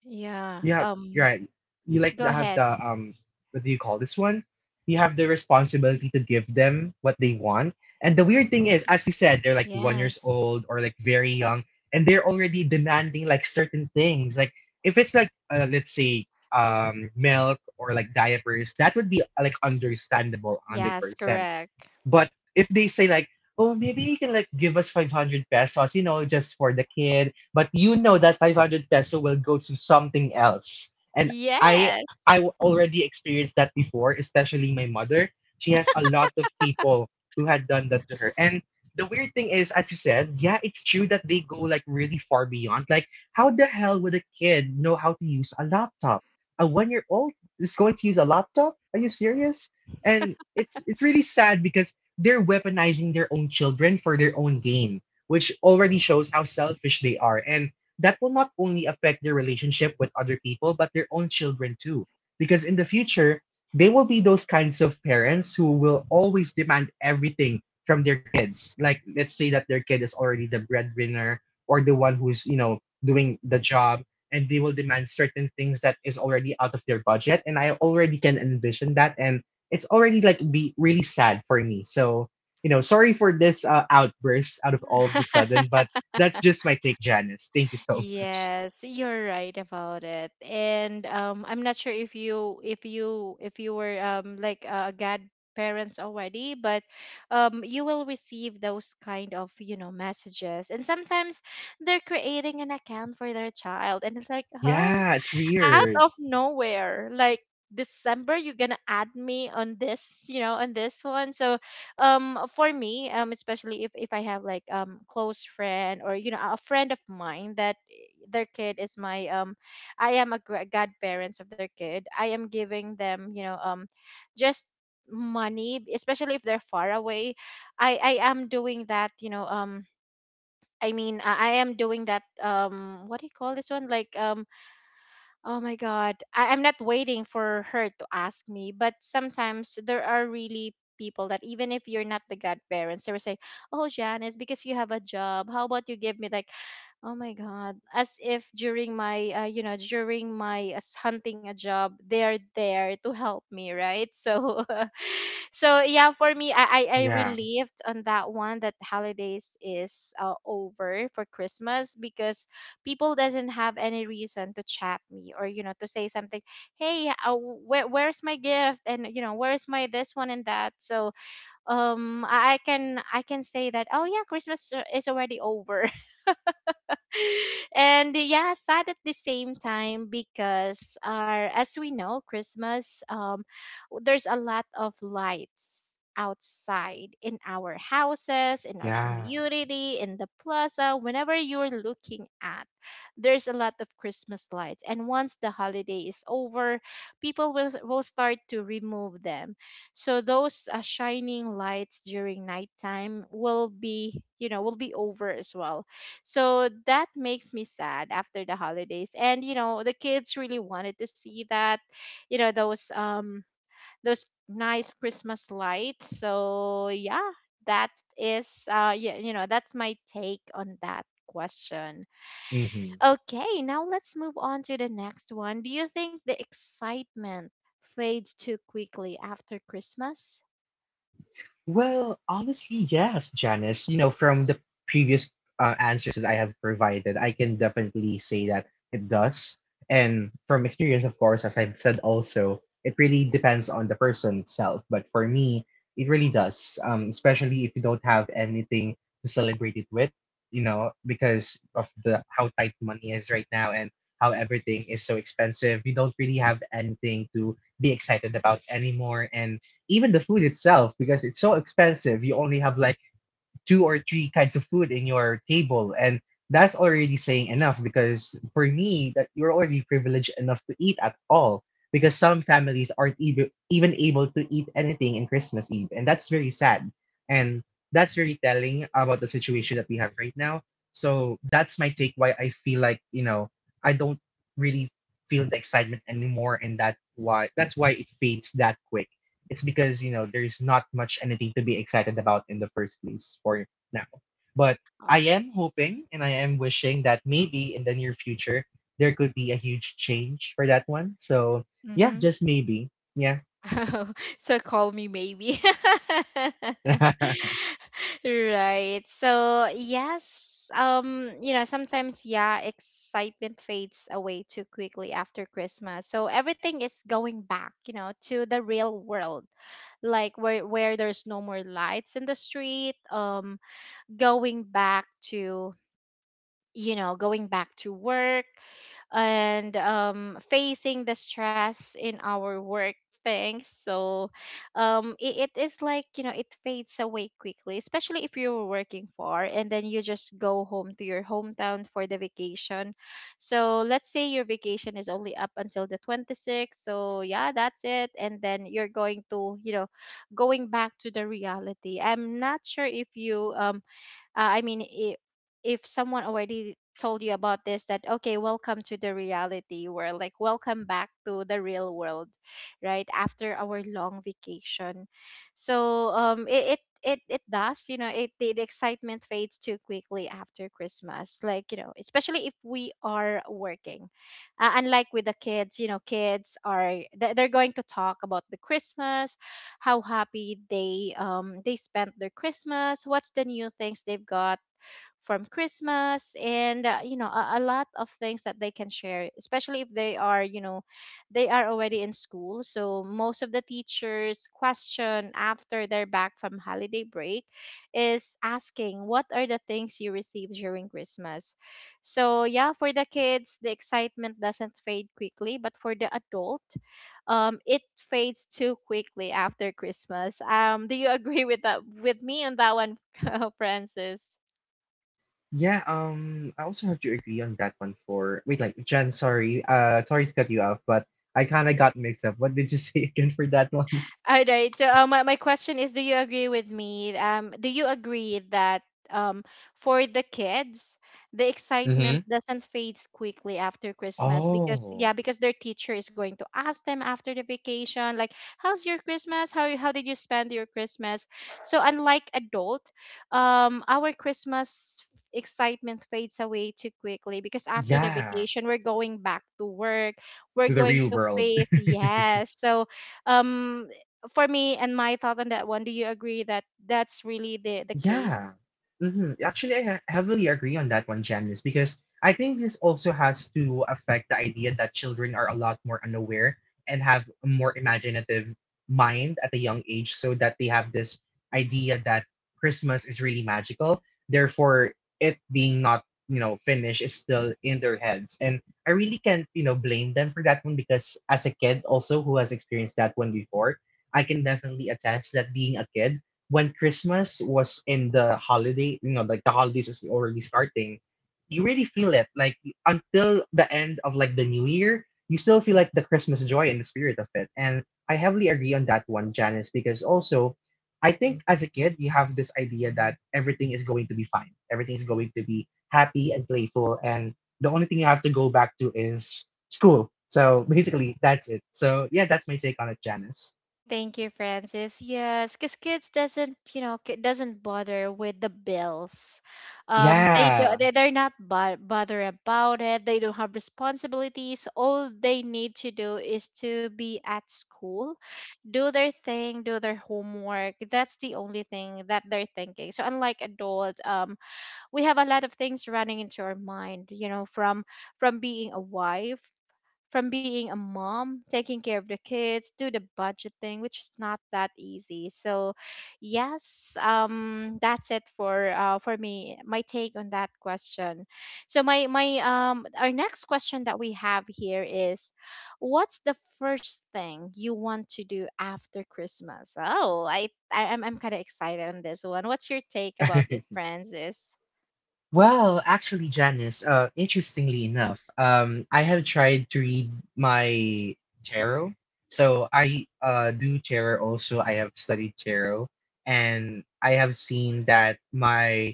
Speaker 1: Yeah.
Speaker 2: you have you're right. You like
Speaker 1: Go
Speaker 2: to have the
Speaker 1: ahead.
Speaker 2: what do you call this one? You have the responsibility to give them what they want. And the weird thing is, as you said, they're like
Speaker 1: Yes.
Speaker 2: 1 year old or like very young, and they're already demanding like certain things. Like if it's like let's say milk or like diapers, that would be like understandable, hundred
Speaker 1: Yes,
Speaker 2: percent.
Speaker 1: correct.
Speaker 2: But if they say like, oh, maybe you can like give us 500 pesos, you know, just for the kid, but you know that 500 peso will go to something else. And I
Speaker 1: Yes.
Speaker 2: already experienced that before, especially my mother. She has a lot of people who had done that to her. And the weird thing is, as you said, yeah, it's true that they go like really far beyond. Like, how the hell would a kid know how to use a laptop? A 1 year old is going to use a laptop? Are you serious? And it's really sad because they're weaponizing their own children for their own gain, which already shows how selfish they are. And that will not only affect their relationship with other people, but their own children too. Because in the future, they will be those kinds of parents who will always demand everything from their kids. Like, let's say that their kid is already the breadwinner or the one who's, you know, doing the job, and they will demand certain things that is already out of their budget. And I already can envision that. And it's already like be really sad for me. So, you know, sorry for this outburst out of all of the sudden, but that's just my take, Janice. Thank you so much.
Speaker 1: Yes, you're right about it. And I'm not sure if you were like a godparents already, but you will receive those kind of, you know, messages. And sometimes they're creating an account for their child, and it's like,
Speaker 2: Yeah,
Speaker 1: "Huh?
Speaker 2: it's
Speaker 1: Out
Speaker 2: weird.
Speaker 1: of nowhere, like December, you're gonna add me on this, you know, on this one." So for me, especially if I have like close friend, or you know, a friend of mine that their kid is my I am a gra- godparents of their kid, I am giving them, you know, just money, especially if they're far away. I am doing that, you know. I mean, I am doing that. What do you call this one? Like, oh my God, I'm not waiting for her to ask me, but sometimes there are really people that even if you're not the godparents, they will say, oh, Janice, because you have a job, how about you give me like, oh my God, as if during my, you know, during my hunting a job, they're there to help me, right? So so yeah, for me, I, I
Speaker 2: Yeah,
Speaker 1: relieved on that one, that holidays is over for Christmas, because people doesn't have any reason to chat me, or you know, to say something, hey, where's my gift, and you know, where's my this one and that. So I can, I can say that, oh yeah, Christmas is already over. And yeah, sad at the same time, because our, as we know, Christmas, there's a lot of lights outside in our houses, in our
Speaker 2: yeah.
Speaker 1: community, in the plaza, whenever you're looking at, there's a lot of Christmas lights. And once the holiday is over, people will start to remove them. So those shining lights during nighttime will be, you know, will be over as well, so that makes me sad after the holidays. And you know, the kids really wanted to see that, you know, those nice Christmas lights. So yeah, that is yeah, you know, that's my take on that question.
Speaker 2: hmm
Speaker 1: Okay, now let's move on to the next one. Do you think the excitement fades too quickly after Christmas?
Speaker 2: Well, honestly, yes, Janice. You know, from the previous answers that I have provided, I can definitely say that it does. And from experience, of course, as I've said also, it really depends on the person itself. But for me, it really does, especially if you don't have anything to celebrate it with, you know, because of the how tight money is right now and how everything is so expensive. You don't really have anything to be excited about anymore. And even the food itself because it's so expensive you only have like two or three kinds of food in your table, and that's already saying enough because for me that you're already privileged enough to eat at all because some families aren't even able to eat anything in Christmas eve, and that's very sad, and that's very telling about the situation that we have right now. So that's my take why I feel like, you know, I don't really feel the excitement anymore, and that's why it fades that quick. It's because you know there's not much anything to be excited about in the first place for now. But I
Speaker 1: Uh,
Speaker 2: am hoping and I am wishing that maybe in the near future there could be a huge change for that one. So yeah,
Speaker 1: mhm.
Speaker 2: just maybe. Yeah.
Speaker 1: So call me maybe. Right. So yes, you know, sometimes yeah, excitement fades away too quickly after Christmas. So everything is going back, you know, to the real world, like where there's no more lights in the street. Going back to, you know, going back to work, and facing the stress in our work things. So it is, like, you know, it fades away quickly, especially if you're working far, and then you just go home to your hometown for the vacation. So let's say your vacation is only up until the 26th, so yeah, that's it, and then you're going to, you know, going back to the reality. I'm not sure if you I mean I if someone already told you about this, that okay, welcome to the reality world, like welcome back to the real world right after our long vacation. So it does, you know, the excitement fades too quickly after Christmas, like, you know, especially if we are working. Unlike with the kids, you know, kids are they're going to talk about the Christmas, how happy they spent their Christmas, what's the new things they've got from Christmas. And you know, a lot of things that they can share, especially if they are, you know, they are already in school. So most of the teachers question after they're back from holiday break is asking, what are the things you received during Christmas? So yeah, for the kids the excitement doesn't fade quickly, but for the adult, it fades too quickly after Christmas. Um, do you agree with that, with me on that one? Francis.
Speaker 2: Yeah, I also have to agree on that one for wait, like Jen, sorry, sorry to cut you off, but I kind of got mixed up. What did you say again for that one?
Speaker 1: All right, so my question is, do you agree with me? Do you agree that um for the kids, the
Speaker 2: Mm-hmm.
Speaker 1: excitement doesn't fade quickly after Christmas, because yeah,
Speaker 2: Oh,
Speaker 1: because their teacher is going to ask them after the vacation, like, how's your Christmas? How did you spend your Christmas? So unlike adult, our Christmas excitement fades away too quickly, because after the
Speaker 2: yeah,
Speaker 1: vacation we're going back to work,
Speaker 2: to
Speaker 1: we're
Speaker 2: the
Speaker 1: going
Speaker 2: real
Speaker 1: to
Speaker 2: world.
Speaker 1: face, yes. So um for me and my thought on that one, do you agree that that's really the case?
Speaker 2: Yeah. hmm Actually, heavily agree on that one, Janice, because I think this also has to affect the idea that children are a lot more unaware and have a more imaginative mind at a young age, so that they have this idea that Christmas is really magical. Therefore, it being not, you know, finished is still in their heads. And I really can't, you know, blame them for that one because as a kid also who has experienced that one before, I can definitely attest that being a kid, when Christmas was in the holiday, you know, like the holidays is already starting, you really feel it. Like until the end of like the new year, you still feel like the Christmas joy and the spirit of it. And I heavily agree on that one, Janice, because also I think as a kid you have this idea that everything is going to be fine. Everything is going to be happy and playful, and the only thing you have to go back to is school. So basically that's it. So yeah, that's my take on it, Janice.
Speaker 1: Thank you, Francis. Yes, because kids doesn't, you know, doesn't bother with the bills.
Speaker 2: Yeah.
Speaker 1: They do, they they're not bother about it. They don't have responsibilities. All they need to do is to be at school, do their thing, do their homework. That's the only thing that they're thinking. So unlike adults, we have a lot of things running into our mind, you know, from being a wife, from being a mom, taking care of the kids, do the budgeting, which is not that easy. So yes, that's it for, for me, my take on that question. So my our next question that we have here is, what's the first thing you want to do after Christmas? Oh, I'm kind of excited on this one. What's your take about this, Francis?
Speaker 2: Well, actually, Janice, interestingly enough, I have tried to read my tarot. So I do tarot also. I have studied tarot, and I have seen that my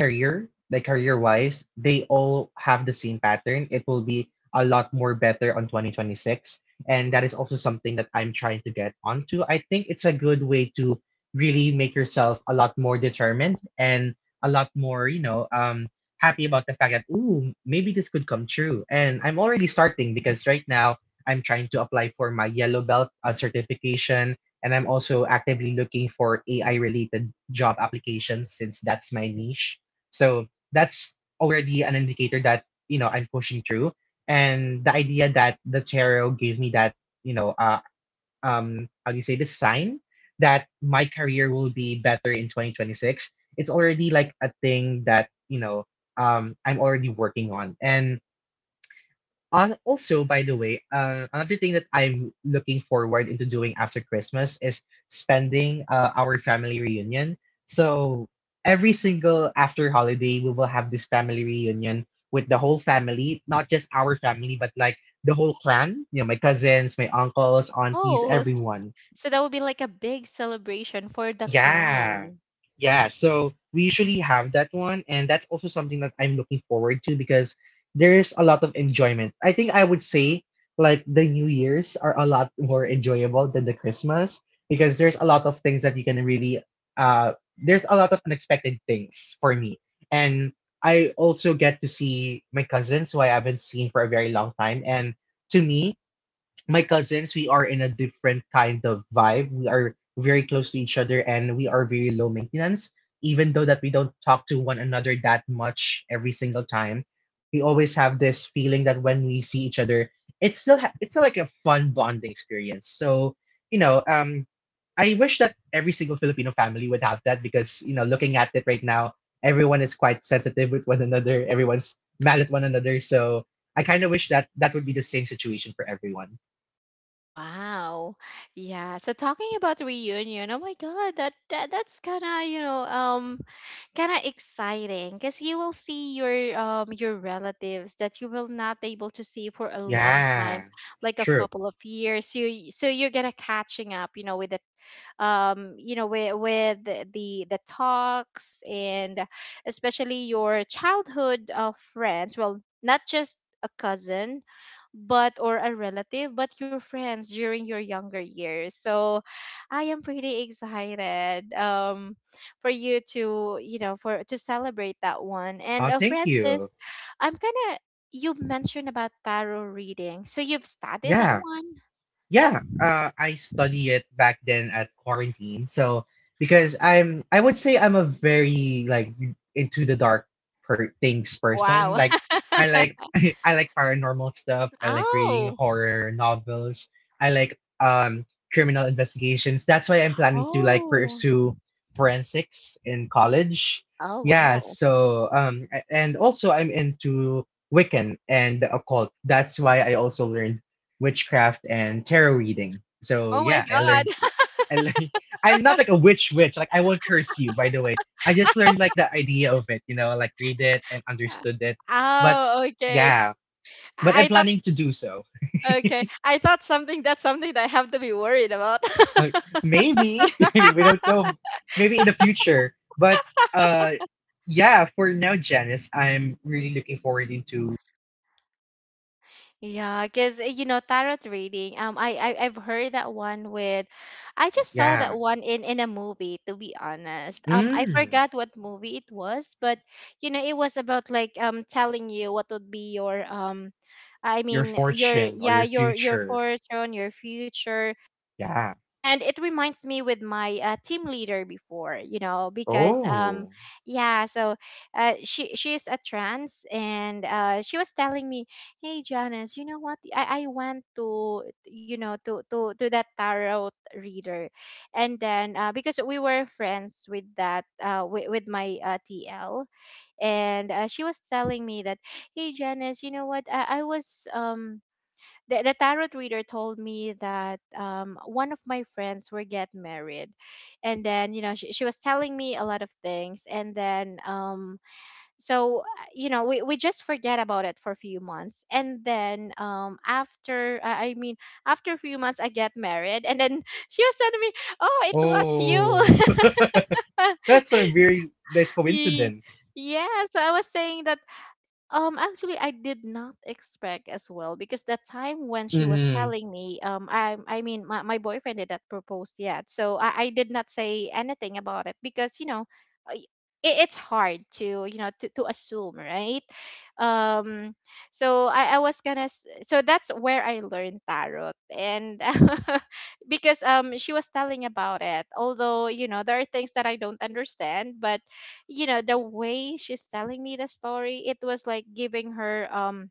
Speaker 2: career, like career wise, they all have the same pattern. It will be a lot more better on 2026. And that is also something that I'm trying to get onto. I think it's a good way to really make yourself a lot more determined and a lot more, you know, happy about the fact that, ooh, maybe this could come true. And I'm already starting because right now I'm trying to apply for my yellow belt certification. And I'm also actively looking for AI related job applications since that's my niche. So that's already an indicator that, you know, I'm pushing through. And the idea that the tarot gave me that, you know, uh, how do you say this sign that my career will be better in 2026, it's already like a thing that, I'm already working on. And also, by the way, another thing that I'm looking forward into doing after Christmas is spending our family reunion. So every single after holiday, we will have this family reunion with the whole family, not just our family, but like the whole clan. You know, my cousins, my uncles, aunties,
Speaker 1: Oh, s-
Speaker 2: everyone.
Speaker 1: so that would be like a big celebration for the
Speaker 2: Yeah.
Speaker 1: clan.
Speaker 2: Yeah. So we usually have that one. And that's also something that I'm looking forward to because there is a lot of enjoyment. I think I would say like the New Year's are a lot more enjoyable than the Christmas because there's a lot of things that you can really, there's a lot of unexpected things for me. And I also get to see my cousins who I haven't seen for a very long time. And to me, my cousins, we are in a different kind of vibe. We are very close to each other and we are very low maintenance. Even though that we don't talk to one another that much every single time, we always have this feeling that when we see each other, it's it's still like a fun bonding experience. So you know, I wish that every single Filipino family would have that because you know, looking at it right now, everyone is quite sensitive with one another. Everyone's mad at one another. So I kind of wish that that would be the same situation for everyone.
Speaker 1: Wow. Yeah. So talking about reunion, oh my God, that that's kind of, you know, kind of exciting, because you will see your relatives that you will not able to see for a long time,
Speaker 2: Yeah,
Speaker 1: like a
Speaker 2: true.
Speaker 1: couple of years. So so you're gonna catching up, you know, with the you know, with, with the the talks, and especially your childhood friends, well, not just a cousin, but or a relative, but your friends during your younger years. So I am pretty excited for you to, you know, for to celebrate that one.
Speaker 2: Oh,
Speaker 1: And
Speaker 2: thank
Speaker 1: Francis,
Speaker 2: you.
Speaker 1: I'm gonna you mentioned about tarot reading, so you've studied that
Speaker 2: Yeah.
Speaker 1: one?
Speaker 2: Yeah, I study it back then at quarantine. So I would say I'm a very like into the things
Speaker 1: Wow.
Speaker 2: person. Like I like I like paranormal stuff. I like reading
Speaker 1: Oh.
Speaker 2: horror novels. I like criminal investigations. That's why I'm planning to like
Speaker 1: Oh.
Speaker 2: pursue forensics in college.
Speaker 1: Oh,
Speaker 2: Yeah.
Speaker 1: wow.
Speaker 2: So and also I'm into Wiccan and the occult. That's why I also learned witchcraft and tarot reading. So
Speaker 1: Oh my
Speaker 2: yeah, I
Speaker 1: god.
Speaker 2: learned. I learned. I'm not like a witch witch. Like I won't curse you. By the way, I just learned like the idea of it. You know, like read it and understood it. But
Speaker 1: Oh, okay.
Speaker 2: yeah, but I'm
Speaker 1: I thought,
Speaker 2: planning to do so.
Speaker 1: okay. I thought something that's something that I have to be worried about.
Speaker 2: Uh, maybe we don't know. Maybe in the future. But uh, yeah. For now, Janice, I'm really looking forward into
Speaker 1: Yeah, because you know tarot reading. I, I've heard that I just saw
Speaker 2: yeah.
Speaker 1: that one in a movie. To be honest, I
Speaker 2: Mm,
Speaker 1: forgot what movie it was, but you know it was about like telling you what would be your I
Speaker 2: your
Speaker 1: mean your
Speaker 2: fortune or
Speaker 1: yeah
Speaker 2: your
Speaker 1: your your
Speaker 2: future.
Speaker 1: fortune, your future.
Speaker 2: Yeah.
Speaker 1: And it reminds me with my team leader before, you know, because
Speaker 2: Oh.
Speaker 1: yeah, so she is a trans and she was telling me, hey Janice, you know what, I went to, you know, to that tarot reader. And then because we were friends with that with my TL, and she was telling me that, hey Janice, you know what, I was the tarot reader told me that one of my friends were get married. And then you know she was telling me a lot of things. And then so you know we just forget about it for a few months. And then after I mean, after a few months I get married, and then she was telling me, oh, it was
Speaker 2: Oh.
Speaker 1: you.
Speaker 2: That's a very nice
Speaker 1: Ye-
Speaker 2: coincidence.
Speaker 1: yeah, so I was saying that actually, I did not expect as well, because that time when she was
Speaker 2: Mm-hmm.
Speaker 1: telling me, I mean, my boyfriend did not propose yet, so I did not say anything about it, because you know, I- it's hard to, you know, to assume, right? Um, I was gonna, so that's where I learned tarot. And because she was telling about it. Although you know there are things that I don't understand, but you know the way she's telling me the story, it was like giving her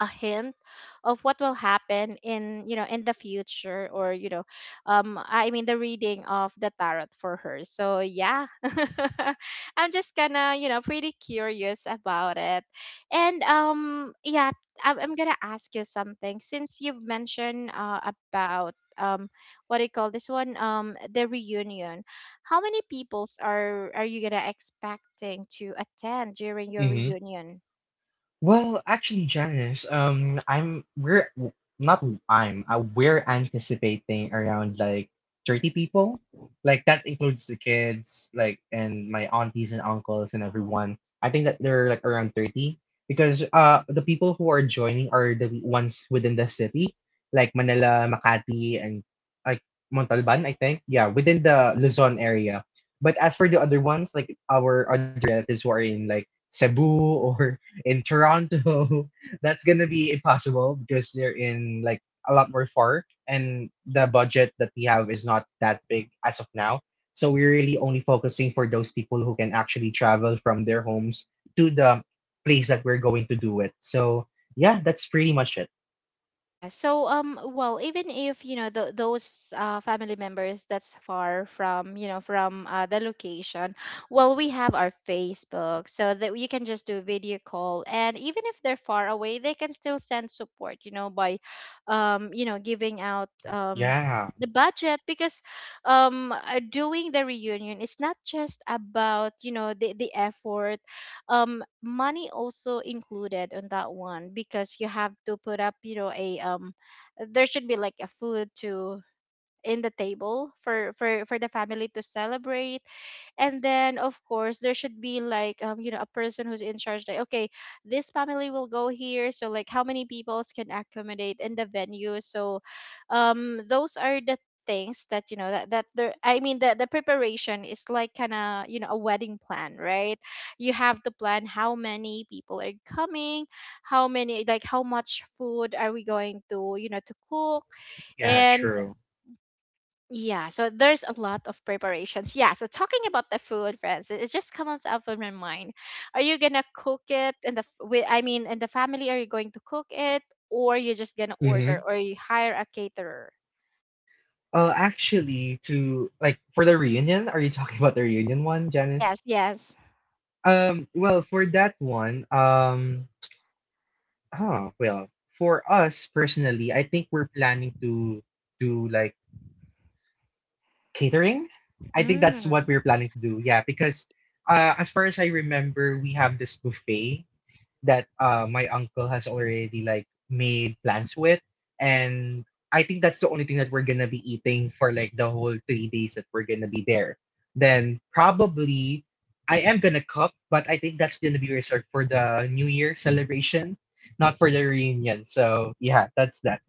Speaker 1: a hint of what will happen in, you know, in the future. Or you know, I mean the reading of the tarot for her. So yeah, I'm just kind of, you know, pretty curious about it. And yeah, I'm gonna ask you something since you've mentioned about what do you call this one, the reunion. How many peoples are you gonna expecting to attend during your reunion?
Speaker 2: Well, actually, Janice, I'm we're w- not I'm we're anticipating around like 30 people. Like that includes the kids, like and my aunties and uncles and everyone. I think that they're like around 30 because the people who are joining are the ones within the city, like Manila, Makati, and like Montalban, I think. Yeah, within the Luzon area. But as for the other ones, like our other relatives who are in like Cebu or in Toronto, that's gonna be impossible because they're in like a lot more far, and the budget that we have is not that big as of now. So we're really only focusing for those people who can actually travel from their homes to the place that we're going to do it. So yeah, that's pretty much it.
Speaker 1: Yeah. So, well, even if you know those family members that's far from, you know, from the location, well, we have our Facebook, so that you can just do video call. And even if they're far away, they can still send support. You know, by, you know, giving out
Speaker 2: Yeah,
Speaker 1: the budget. Because doing the reunion is not just about, you know, the effort. Money also included on that one, because you have to put up, you know, a there should be like a food to in the table for the family to celebrate. And then of course there should be like you know a person who's in charge, like okay, this family will go here, so like how many people can accommodate in the venue. So those are the things that, you know, that that there I mean the preparation is like kind of, you know, a wedding plan, right? You have to plan how many people are coming, how many, like how much food are we going to, you know, to cook.
Speaker 2: yeah,
Speaker 1: And
Speaker 2: true.
Speaker 1: yeah, so there's a lot of preparations. Yeah, so talking about the food, friends, it just comes up in my mind. Are you gonna cook it in the I mean, in the family, are you going to cook it, or you're just gonna
Speaker 2: Mm-hmm.
Speaker 1: order, or you hire a caterer?
Speaker 2: Actually, to like for the reunion, are you talking about the reunion one, Janice?
Speaker 1: Yes, yes.
Speaker 2: Well, for that one, Ah, well, for us personally, I think we're planning to do like catering. I think that's what
Speaker 1: Mm.
Speaker 2: we're planning to do. Yeah, because as far as I remember, we have this buffet that my uncle has already like made plans with, and I think that's the only thing that we're gonna be eating for like the whole 3 days that we're gonna be there. Then probably I am gonna cook, but I think that's gonna be reserved for the New Year celebration, not for the reunion. So yeah, that's that.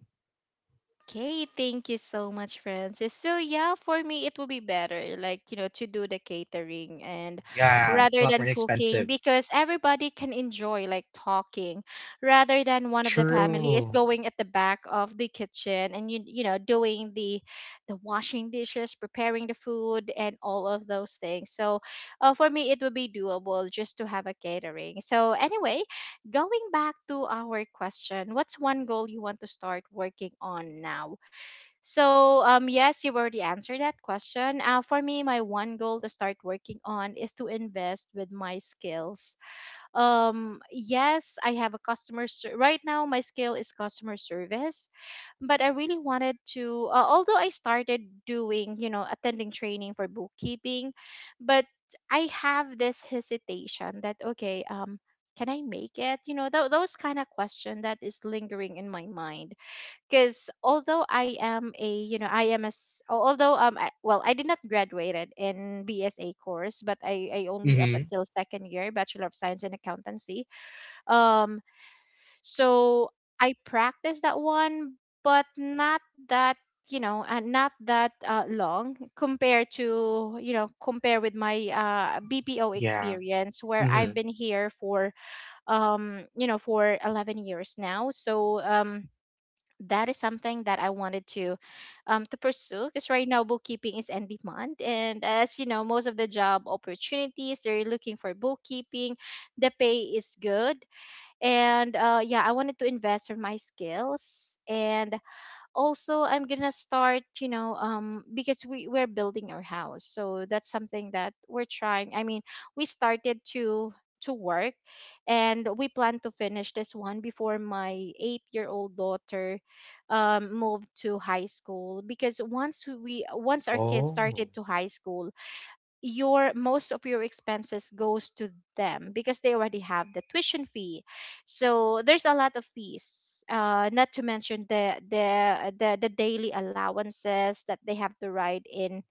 Speaker 1: Okay, thank you so much, Francis. So yeah, for me it will be better, like you know, to do the catering. And
Speaker 2: Yeah, it's a
Speaker 1: rather
Speaker 2: lot
Speaker 1: than
Speaker 2: more
Speaker 1: cooking,
Speaker 2: expensive.
Speaker 1: because everybody can enjoy like talking, rather than one of the family is
Speaker 2: True.
Speaker 1: going at the back of the kitchen and you know, doing the washing dishes, preparing the food and all of those things. So for me it would be doable just to have a catering. So anyway, going back to our question, what's one goal you want to start working on now? So, yes, you've already answered that question. For me, my one goal to start working on is to invest with my skills. Yes, I have a right now my skill is customer service, but I really wanted to, although I started doing, you know, attending training for bookkeeping. But I have this hesitation that okay, can I make it, you know, those kind of question that is lingering in my mind. Because although I am a, you know, I am a although I, well, I did not graduated in BSA course, but I only up
Speaker 2: Mm-hmm.
Speaker 1: until second year Bachelor of Science in Accountancy. um so I practiced that one, but not that you know, and not that long compared to, you know, compare with my BPO
Speaker 2: Yeah.
Speaker 1: experience, where
Speaker 2: Mm-hmm.
Speaker 1: I've been here for you know for 11 years now. So that is something that I wanted to pursue, because right now bookkeeping is in demand. And as you know, most of the job opportunities, they're looking for bookkeeping. The pay is good. And yeah, I wanted to invest in my skills. And also I'm gonna start, you know, because we're building our house. So that's something that we're trying, I mean, we started to work. And we plan to finish this one before my 8-year old daughter moved to high school. Because once we, once our kids started
Speaker 2: Oh.
Speaker 1: to high school, your most of your expenses goes to them, because they already have the tuition fee. So there's a lot of fees, not to mention the daily allowances that they have to ride in,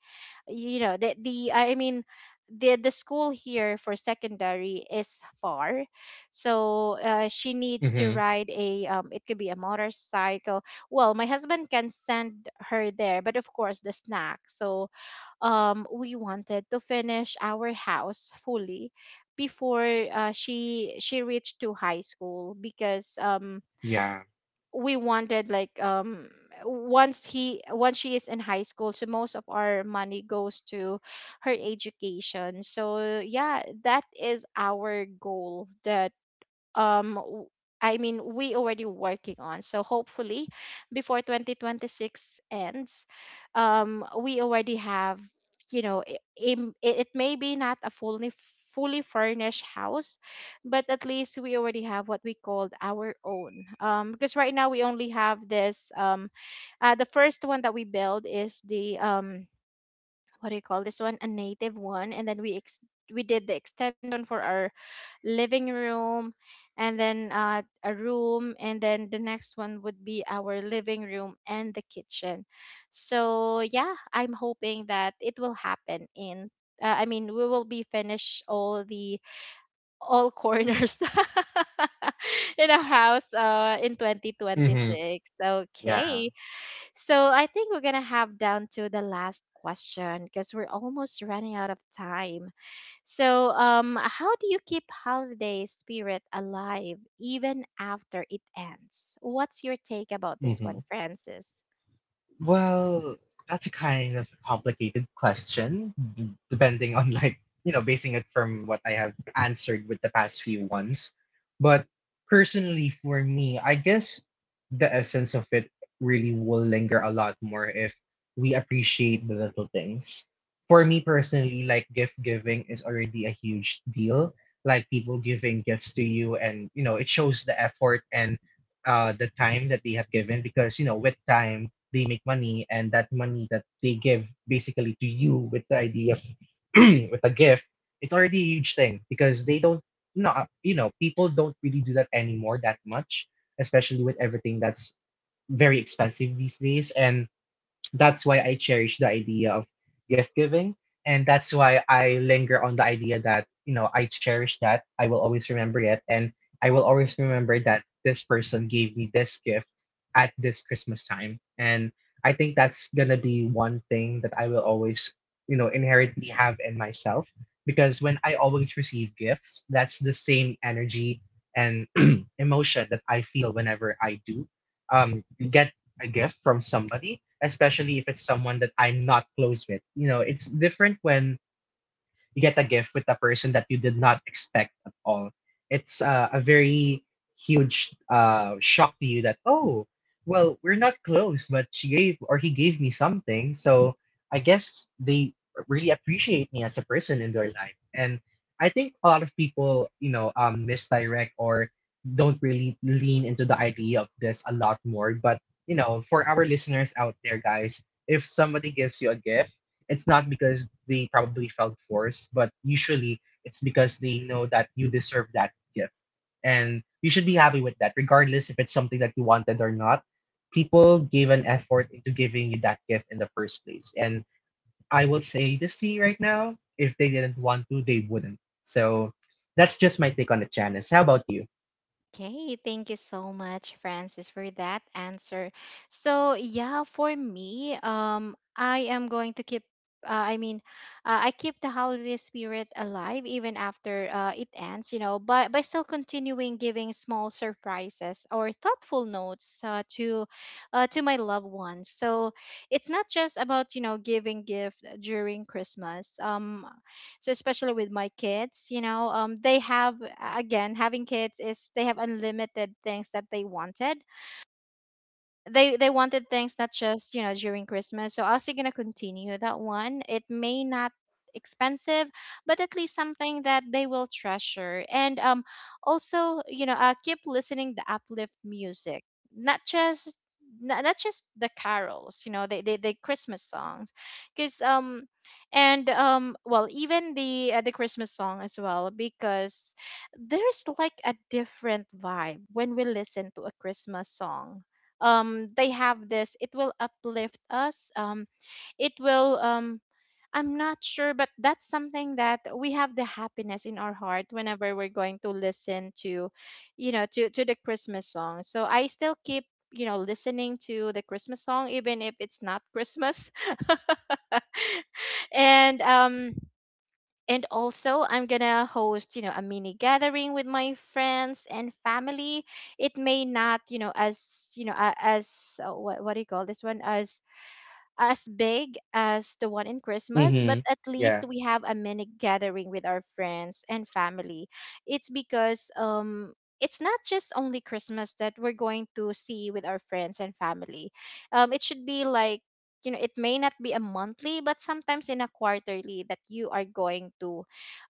Speaker 1: you know, the I mean the school here for secondary is far. So she needs to
Speaker 2: Mm-hmm.
Speaker 1: ride a it could be a motorcycle. Well, my husband can send her there, but of course the snack. So we wanted to finish our house fully before she reached to high school. Because
Speaker 2: Yeah.
Speaker 1: we wanted like once he once she is in high school, so most of our money goes to her education. So yeah, that is our goal. The um w- I mean, we already working on. So hopefully before 2026 ends, we already have, you know, it may be not a fully fully furnished house, but at least we already have what we called our own. Because right now we only have this the first one that we build is the what do you call this one, a native one. And then we we did the extension for our living room. And then a room. And then the next one would be our living room and the kitchen. So yeah, I'm hoping that it will happen in, I mean, we will be finished all the all corners in our house in
Speaker 2: Mm-hmm.
Speaker 1: 2026. Okay,
Speaker 2: Yeah.
Speaker 1: so I think we're gonna have down to the last question, because we're almost running out of time. So how do you keep holiday spirit alive even after it ends? What's your take about this
Speaker 2: Mm-hmm.
Speaker 1: one, Francis?
Speaker 2: Well, that's a kind of complicated depending on like, you know, basing it from what I have answered with the past few ones. But personally, for me, I guess the essence of it really will linger a lot more if we appreciate the little things. For me personally, like gift giving is already a huge deal. Like people giving gifts to you, and you know, it shows the effort and the time that they have given because you know, with time, they make money, and that money that they give basically to you with the idea of with a gift, it's already a huge thing because they don't no you know people don't really do that anymore that much, especially with everything that's very expensive these days. And that's why I cherish the idea of gift giving. And that's why I linger on the idea that, you know, I cherish that. I will always remember it. And I will always remember that this person gave me this gift at this Christmas time. And I think that's going to be one thing that I will always, you know, inherently have in myself. Because when I always receive gifts, that's the same energy and emotion that I feel whenever I do get a gift from somebody, especially if it's someone that I'm not close with. You know, it's different when you get a gift with a person that you did not expect at all. It's a very huge shock to you that, oh, well, we're not close, but she gave or he gave me something, so I guess they really appreciate me as a person in their life. And I think a lot of people, you know, misdirect or don't really lean into the idea of this a lot more. But you know, for our listeners out there, guys, if somebody gives you a gift, it's not because they probably felt forced, but usually it's because they know that you deserve that gift. And you should be happy with that, regardless if it's something that you wanted or not. People gave an effort into giving you that gift in the first place. And I will say this to you right now, if they didn't want to, they wouldn't. So that's just my take on it, Janice. How about you?
Speaker 1: Okay, thank you so much, Francis, for that answer. So, yeah, for me, I am going to keep, uh, I mean, I keep the holiday spirit alive even after it ends, you know, by still continuing giving small surprises or thoughtful notes, to my loved ones. So it's not just about, you know, giving gift during Christmas. So especially with my kids, you know, they have, again, having kids is they have unlimited things that they wanted. They wanted things not just, you know, during Christmas. So also gonna continue that one. It may not expensive, but at least something that they will treasure. And also, you know, keep listening the uplift music. Not just not just the carols, you know, the Christmas songs. Because and well, even the Christmas song as well, because there's like a different vibe when we listen to a Christmas song. They have this, it will uplift us. It will I'm not sure, but that's something that we have the happiness in our heart whenever we're going to listen to, you know, to the Christmas song. So I still keep, you know, listening to the Christmas song, even if it's not Christmas. And and also, I'm gonna host, you know, a mini gathering with my friends and family. It may not, you know, as you know, as what do you call this one? As big as the one in Christmas, but
Speaker 2: Mm-hmm.
Speaker 1: at least
Speaker 2: Yeah.
Speaker 1: we have a mini gathering with our friends and family. It's because it's not just only Christmas that we're going to see with our friends and family. Um, it should be like, you know, it may not be a monthly, but sometimes in a quarterly that you are going to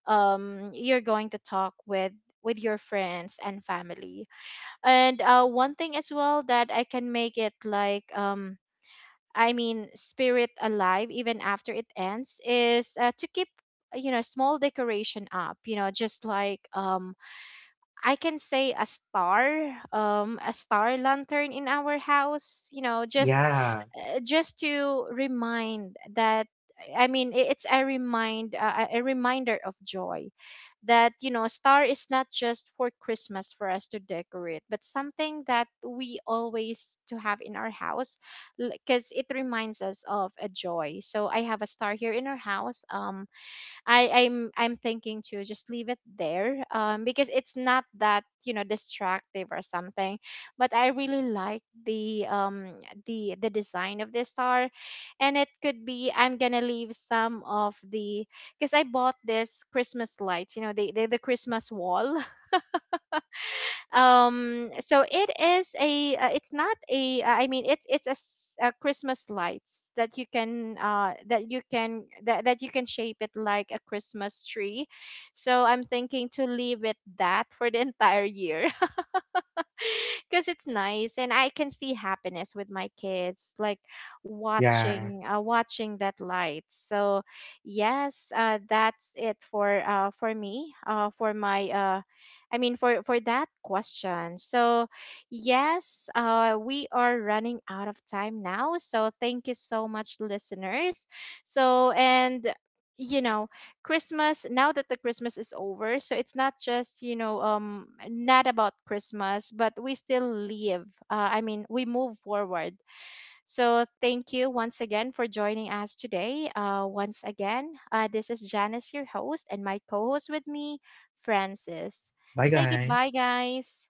Speaker 1: you're going to talk with your friends and family. And one thing as well that I can make it like I mean, spirit alive even after it ends is to keep, you know, small decoration up, you know, just like I can say a star, a star lantern in our house, you know,
Speaker 2: Yeah.
Speaker 1: just to remind that, I mean, it's a remind a reminder of joy. That you know, star is not just for Christmas for us to decorate, but something that we always to have in our house, because it reminds us of a joy. So I have a star here in our house. I'm thinking to just leave it there. Um, because it's not that, you know, distractive or something, but I really like the design of this star. And it could be I'm gonna leave some of the, because I bought this Christmas lights, you know, the Christmas wall. So it is a it's not a I mean, it's a Christmas lights that you can, that you can, that you can shape it like a Christmas tree. So I'm thinking to leave it that for the entire year, because it's nice and I can see happiness with my kids like
Speaker 2: Yeah.
Speaker 1: watching, watching that light. So yes, that's it for me, for my I mean, for that question. So yes, we are running out of time now. So thank you so much, listeners. So and you know Christmas, now that the Christmas is over, so it's not just, you know, not about Christmas, but we still live. I mean, we move forward. So thank you once again for joining us today. Once again, this is Janice, your host, and my co-host with me, Francis.
Speaker 2: Bye,
Speaker 1: Say
Speaker 2: guys.
Speaker 1: goodbye, guys.